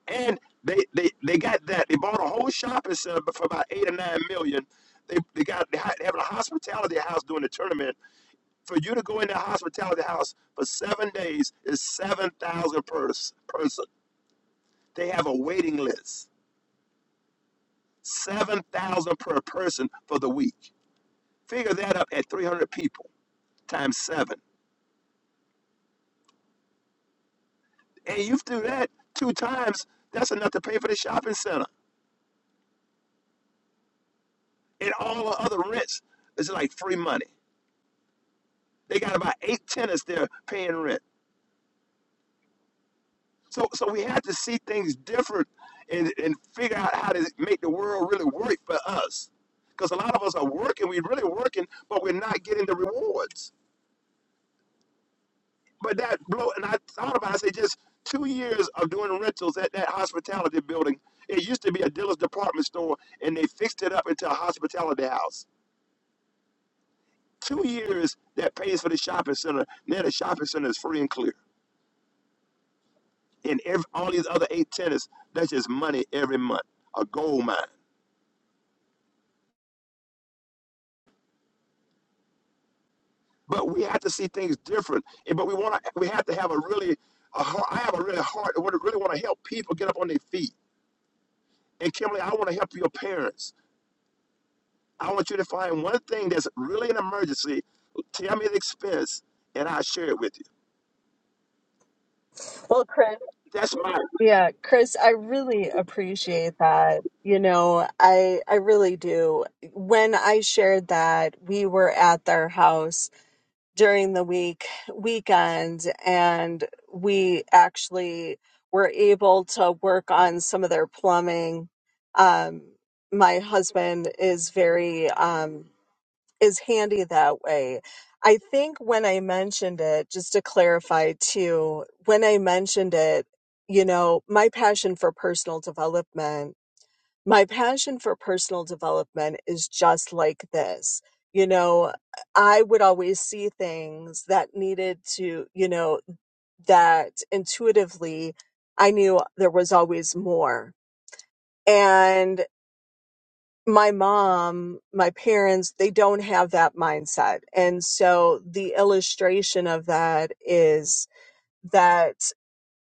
Speaker 6: And they they, they got that. They bought a whole shopping center for about eight or nine million. They they got they ha- having a hospitality house doing the tournament. For you to go in that hospitality house for seven days is seven thousand per person. They have a waiting list, seven thousand per person for the week. Figure that up at 300 people times seven. And you do that two times, that's enough to pay for the shopping center. And all the other rents is like free money. They got about eight tenants there paying rent. So, so we had to see things different and, and figure out how to make the world really work for us. Because a lot of us are working, we're really working, but we're not getting the rewards. but that blow and I thought about it, I say just two years of doing rentals at that hospitality building. It used to be a dealer's department store and they fixed it up into a hospitality house. Two years that pays for the shopping center. Now the shopping center is free and clear. And every, all these other eight tenants, that's just money every month, a gold mine. But we have to see things different. And, but we want to, we have to have a really, a heart, I have a really heart, I really want to help people get up on their feet. And Kimberly, I want to help your parents. I want you to find one thing that's really an emergency. Tell me the expense, and I'll share it with you.
Speaker 1: Well, Chris,
Speaker 6: That's my
Speaker 1: yeah, Chris, I really appreciate that. You know, I I really do. When I shared that we were at their house during the week weekend and we actually were able to work on some of their plumbing um my husband is very um is handy that way i think when i mentioned it just to clarify too when i mentioned it you know my passion for personal development my passion for personal development is just like this. You know, I would always see things that needed to, you know, that intuitively I knew there was always more. And my mom, my parents, they don't have that mindset. And so the illustration of that is that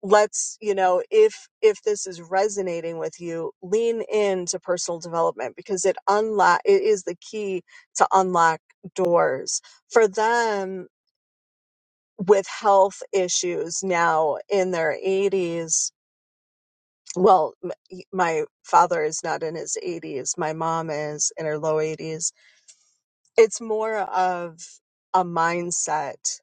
Speaker 1: let's you know if if this is resonating with you lean into personal development because it unlock it is the key to unlock doors for them with health issues now in their 80s well m- my father is not in his 80s my mom is in her low 80s it's more of a mindset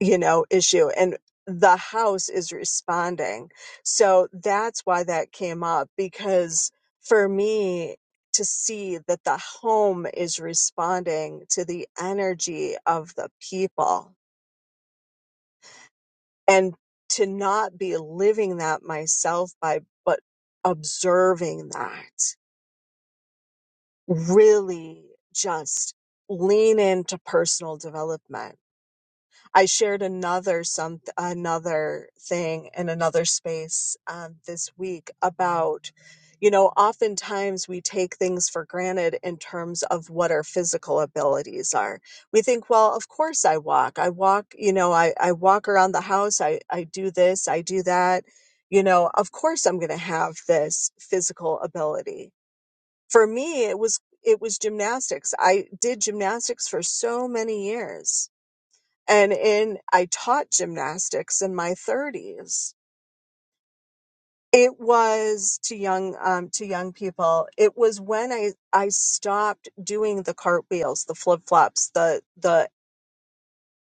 Speaker 1: you know, issue and the house is responding. So that's why that came up because for me to see that the home is responding to the energy of the people and to not be living that myself by, but observing that really just lean into personal development I shared another some another thing in another space um, this week about, you know, oftentimes we take things for granted in terms of what our physical abilities are. We think, well, of course I walk. I walk, you know, I, I walk around the house. I, I do this. I do that. You know, of course I'm going to have this physical ability. For me, it was it was gymnastics. I did gymnastics for so many years and in I taught gymnastics in my 30s. It was to young um, to young people. It was when I I stopped doing the cartwheels, the flip flops, the the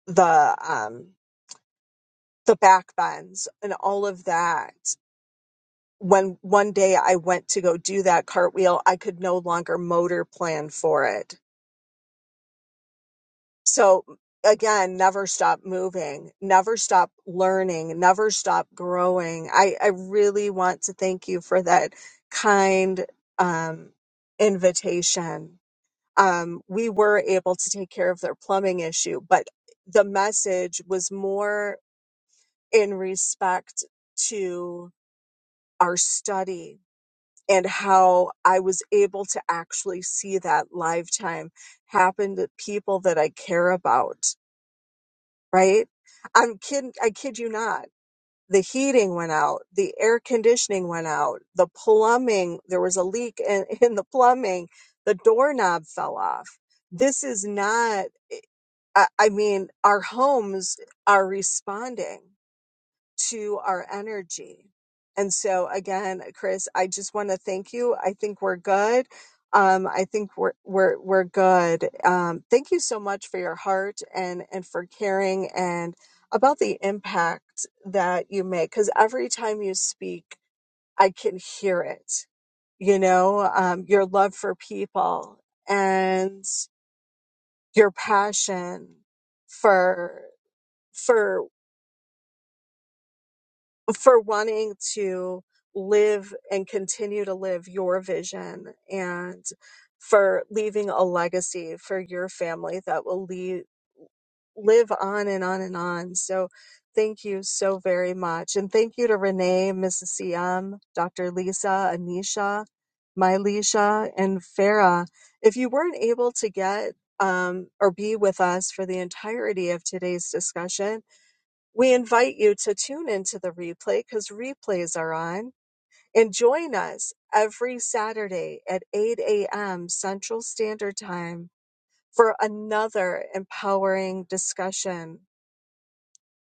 Speaker 1: the um, the back bends, and all of that. When one day I went to go do that cartwheel, I could no longer motor plan for it So again, never stop moving, never stop learning, never stop growing. I, I really want to thank you for that kind um, invitation. Um, we were able to take care of their plumbing issue, but the message was more in respect to our study and how I was able to actually see that lifetime happen to people that I care about right? I'm kidding. I kid you not. The heating went out. The air conditioning went out. The plumbing, there was a leak in, (laughs) in the plumbing. The doorknob fell off. This is not, I, I mean, our homes are responding to our energy. And so again, Chris, I just want to thank you. I think we're good. Um, I think we're we're we're good. Um, thank you so much for your heart and and for caring and about the impact that you make. Because every time you speak, I can hear it. You know, um, your love for people and your passion for for for wanting to live and continue to live your vision and for leaving a legacy for your family that will leave, live on and on and on. So thank you so very much. And thank you to Renee, Mrs. CM, Dr. Lisa, Anisha, Mylisha, and Farah. If you weren't able to get um, or be with us for the entirety of today's discussion, we invite you to tune into the replay because replays are on and join us every Saturday at 8 a.m. Central Standard Time for another empowering discussion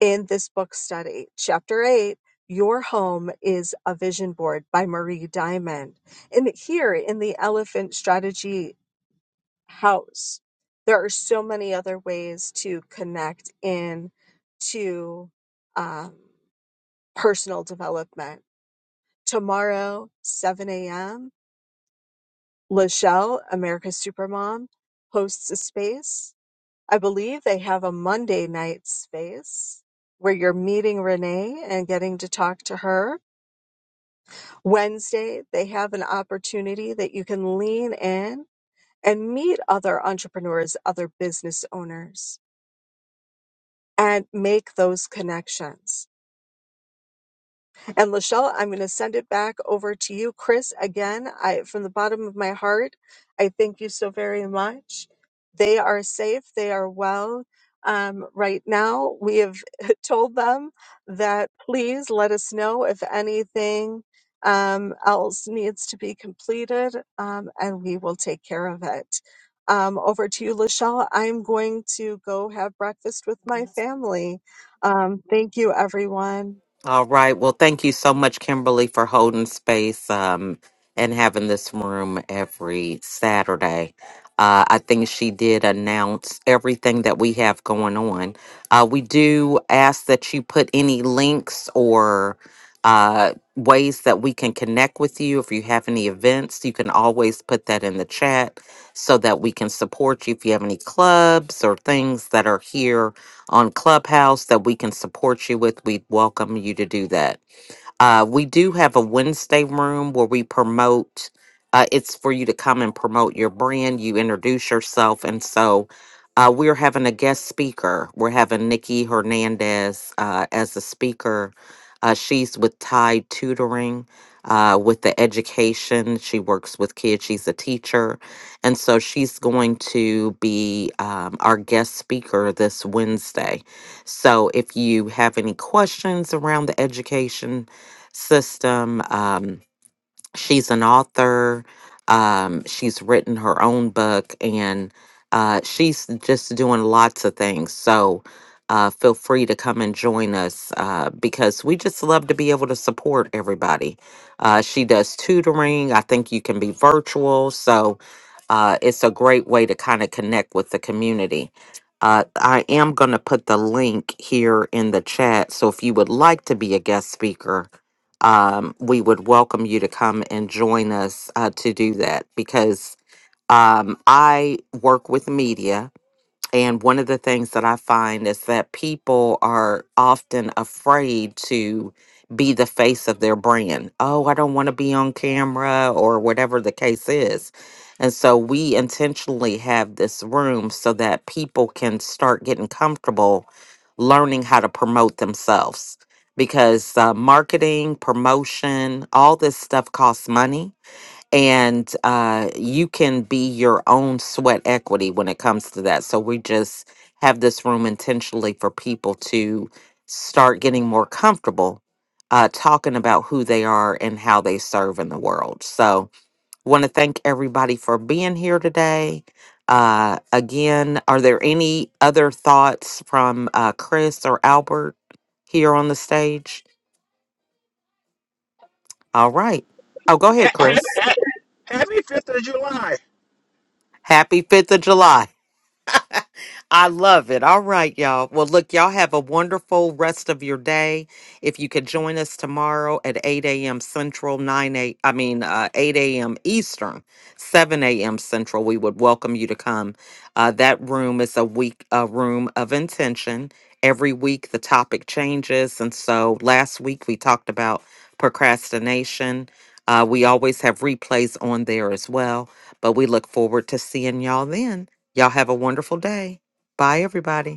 Speaker 1: in this book study. Chapter 8 Your Home is a Vision Board by Marie Diamond. And here in the Elephant Strategy House, there are so many other ways to connect in to. um, personal development. Tomorrow, 7 a.m., Lachelle, America's Supermom, hosts a space. I believe they have a Monday night space where you're meeting Renee and getting to talk to her. Wednesday, they have an opportunity that you can lean in and meet other entrepreneurs, other business owners, and make those connections And Lachelle, I'm going to send it back over to you. Chris, again, I from the bottom of my heart, I thank you so very much. They are safe, they are well. Um, right now, we have (laughs) told them that please let us know if anything um, else needs to be completed, um, and we will take care of it. Um, over to you, Lachelle. I'm going to go have breakfast with my family. Um, thank you, everyone.
Speaker 4: All right. Well, thank you so much, Kimberly, for holding space um, and having this room every Saturday. Uh, I think she did announce everything that we have going on. Uh, we do ask that you put any links or uh, ways that we can connect with you. If you have any events, you can always put that in the chat so that we can support you. If you have any clubs or things that are here on Clubhouse that we can support you with, we'd welcome you to do that. Uh, we do have a Wednesday room where we promote. Uh, it's for you to come and promote your brand. You introduce yourself, and so uh, we're having a guest speaker. We're having Nikki Hernandez uh, as a speaker. Uh, she's with Tide Tutoring, uh, with the education. She works with kids. She's a teacher, and so she's going to be um, our guest speaker this Wednesday. So if you have any questions around the education system. Um, she's an author. Um, she's written her own book, and uh, she's just doing lots of things. So uh, feel free to come and join us uh, because we just love to be able to support everybody. Uh, she does tutoring. I think you can be virtual. So uh, it's a great way to kind of connect with the community. Uh, I am going to put the link here in the chat. So if you would like to be a guest speaker, um, we would welcome you to come and join us uh, to do that because um, I work with media and one of the things that I find is that people are often afraid to be the face of their brand. Oh, I don't want to be on camera or whatever the case is. And so we intentionally have this room so that people can start getting comfortable learning how to promote themselves because uh, marketing, promotion, all this stuff costs money and uh, you can be your own sweat equity when it comes to that. So we just have this room intentionally for people to start getting more comfortable uh, talking about who they are and how they serve in the world. So want to thank everybody for being here today. Uh, again, are there any other thoughts from uh, Chris or Albert here on the stage? All right. Oh, go
Speaker 6: (coughs)
Speaker 4: ahead, Chris.
Speaker 6: (clears throat) happy Fifth of July.
Speaker 4: Happy 5th of July. I love it. All right, y'all. Well, look, y'all have a wonderful rest of your day. If you could join us tomorrow at 8 a.m. Central, 9 a. I mean, uh, 8 a.m. Eastern, 7 a.m. Central, we would welcome you to come. Uh, that room is a week, a room of intention. Every week, the topic changes. And so last week, we talked about procrastination. Uh, we always have replays on there as well, but we look forward to seeing y'all then. Y'all have a wonderful day. Bye, everybody.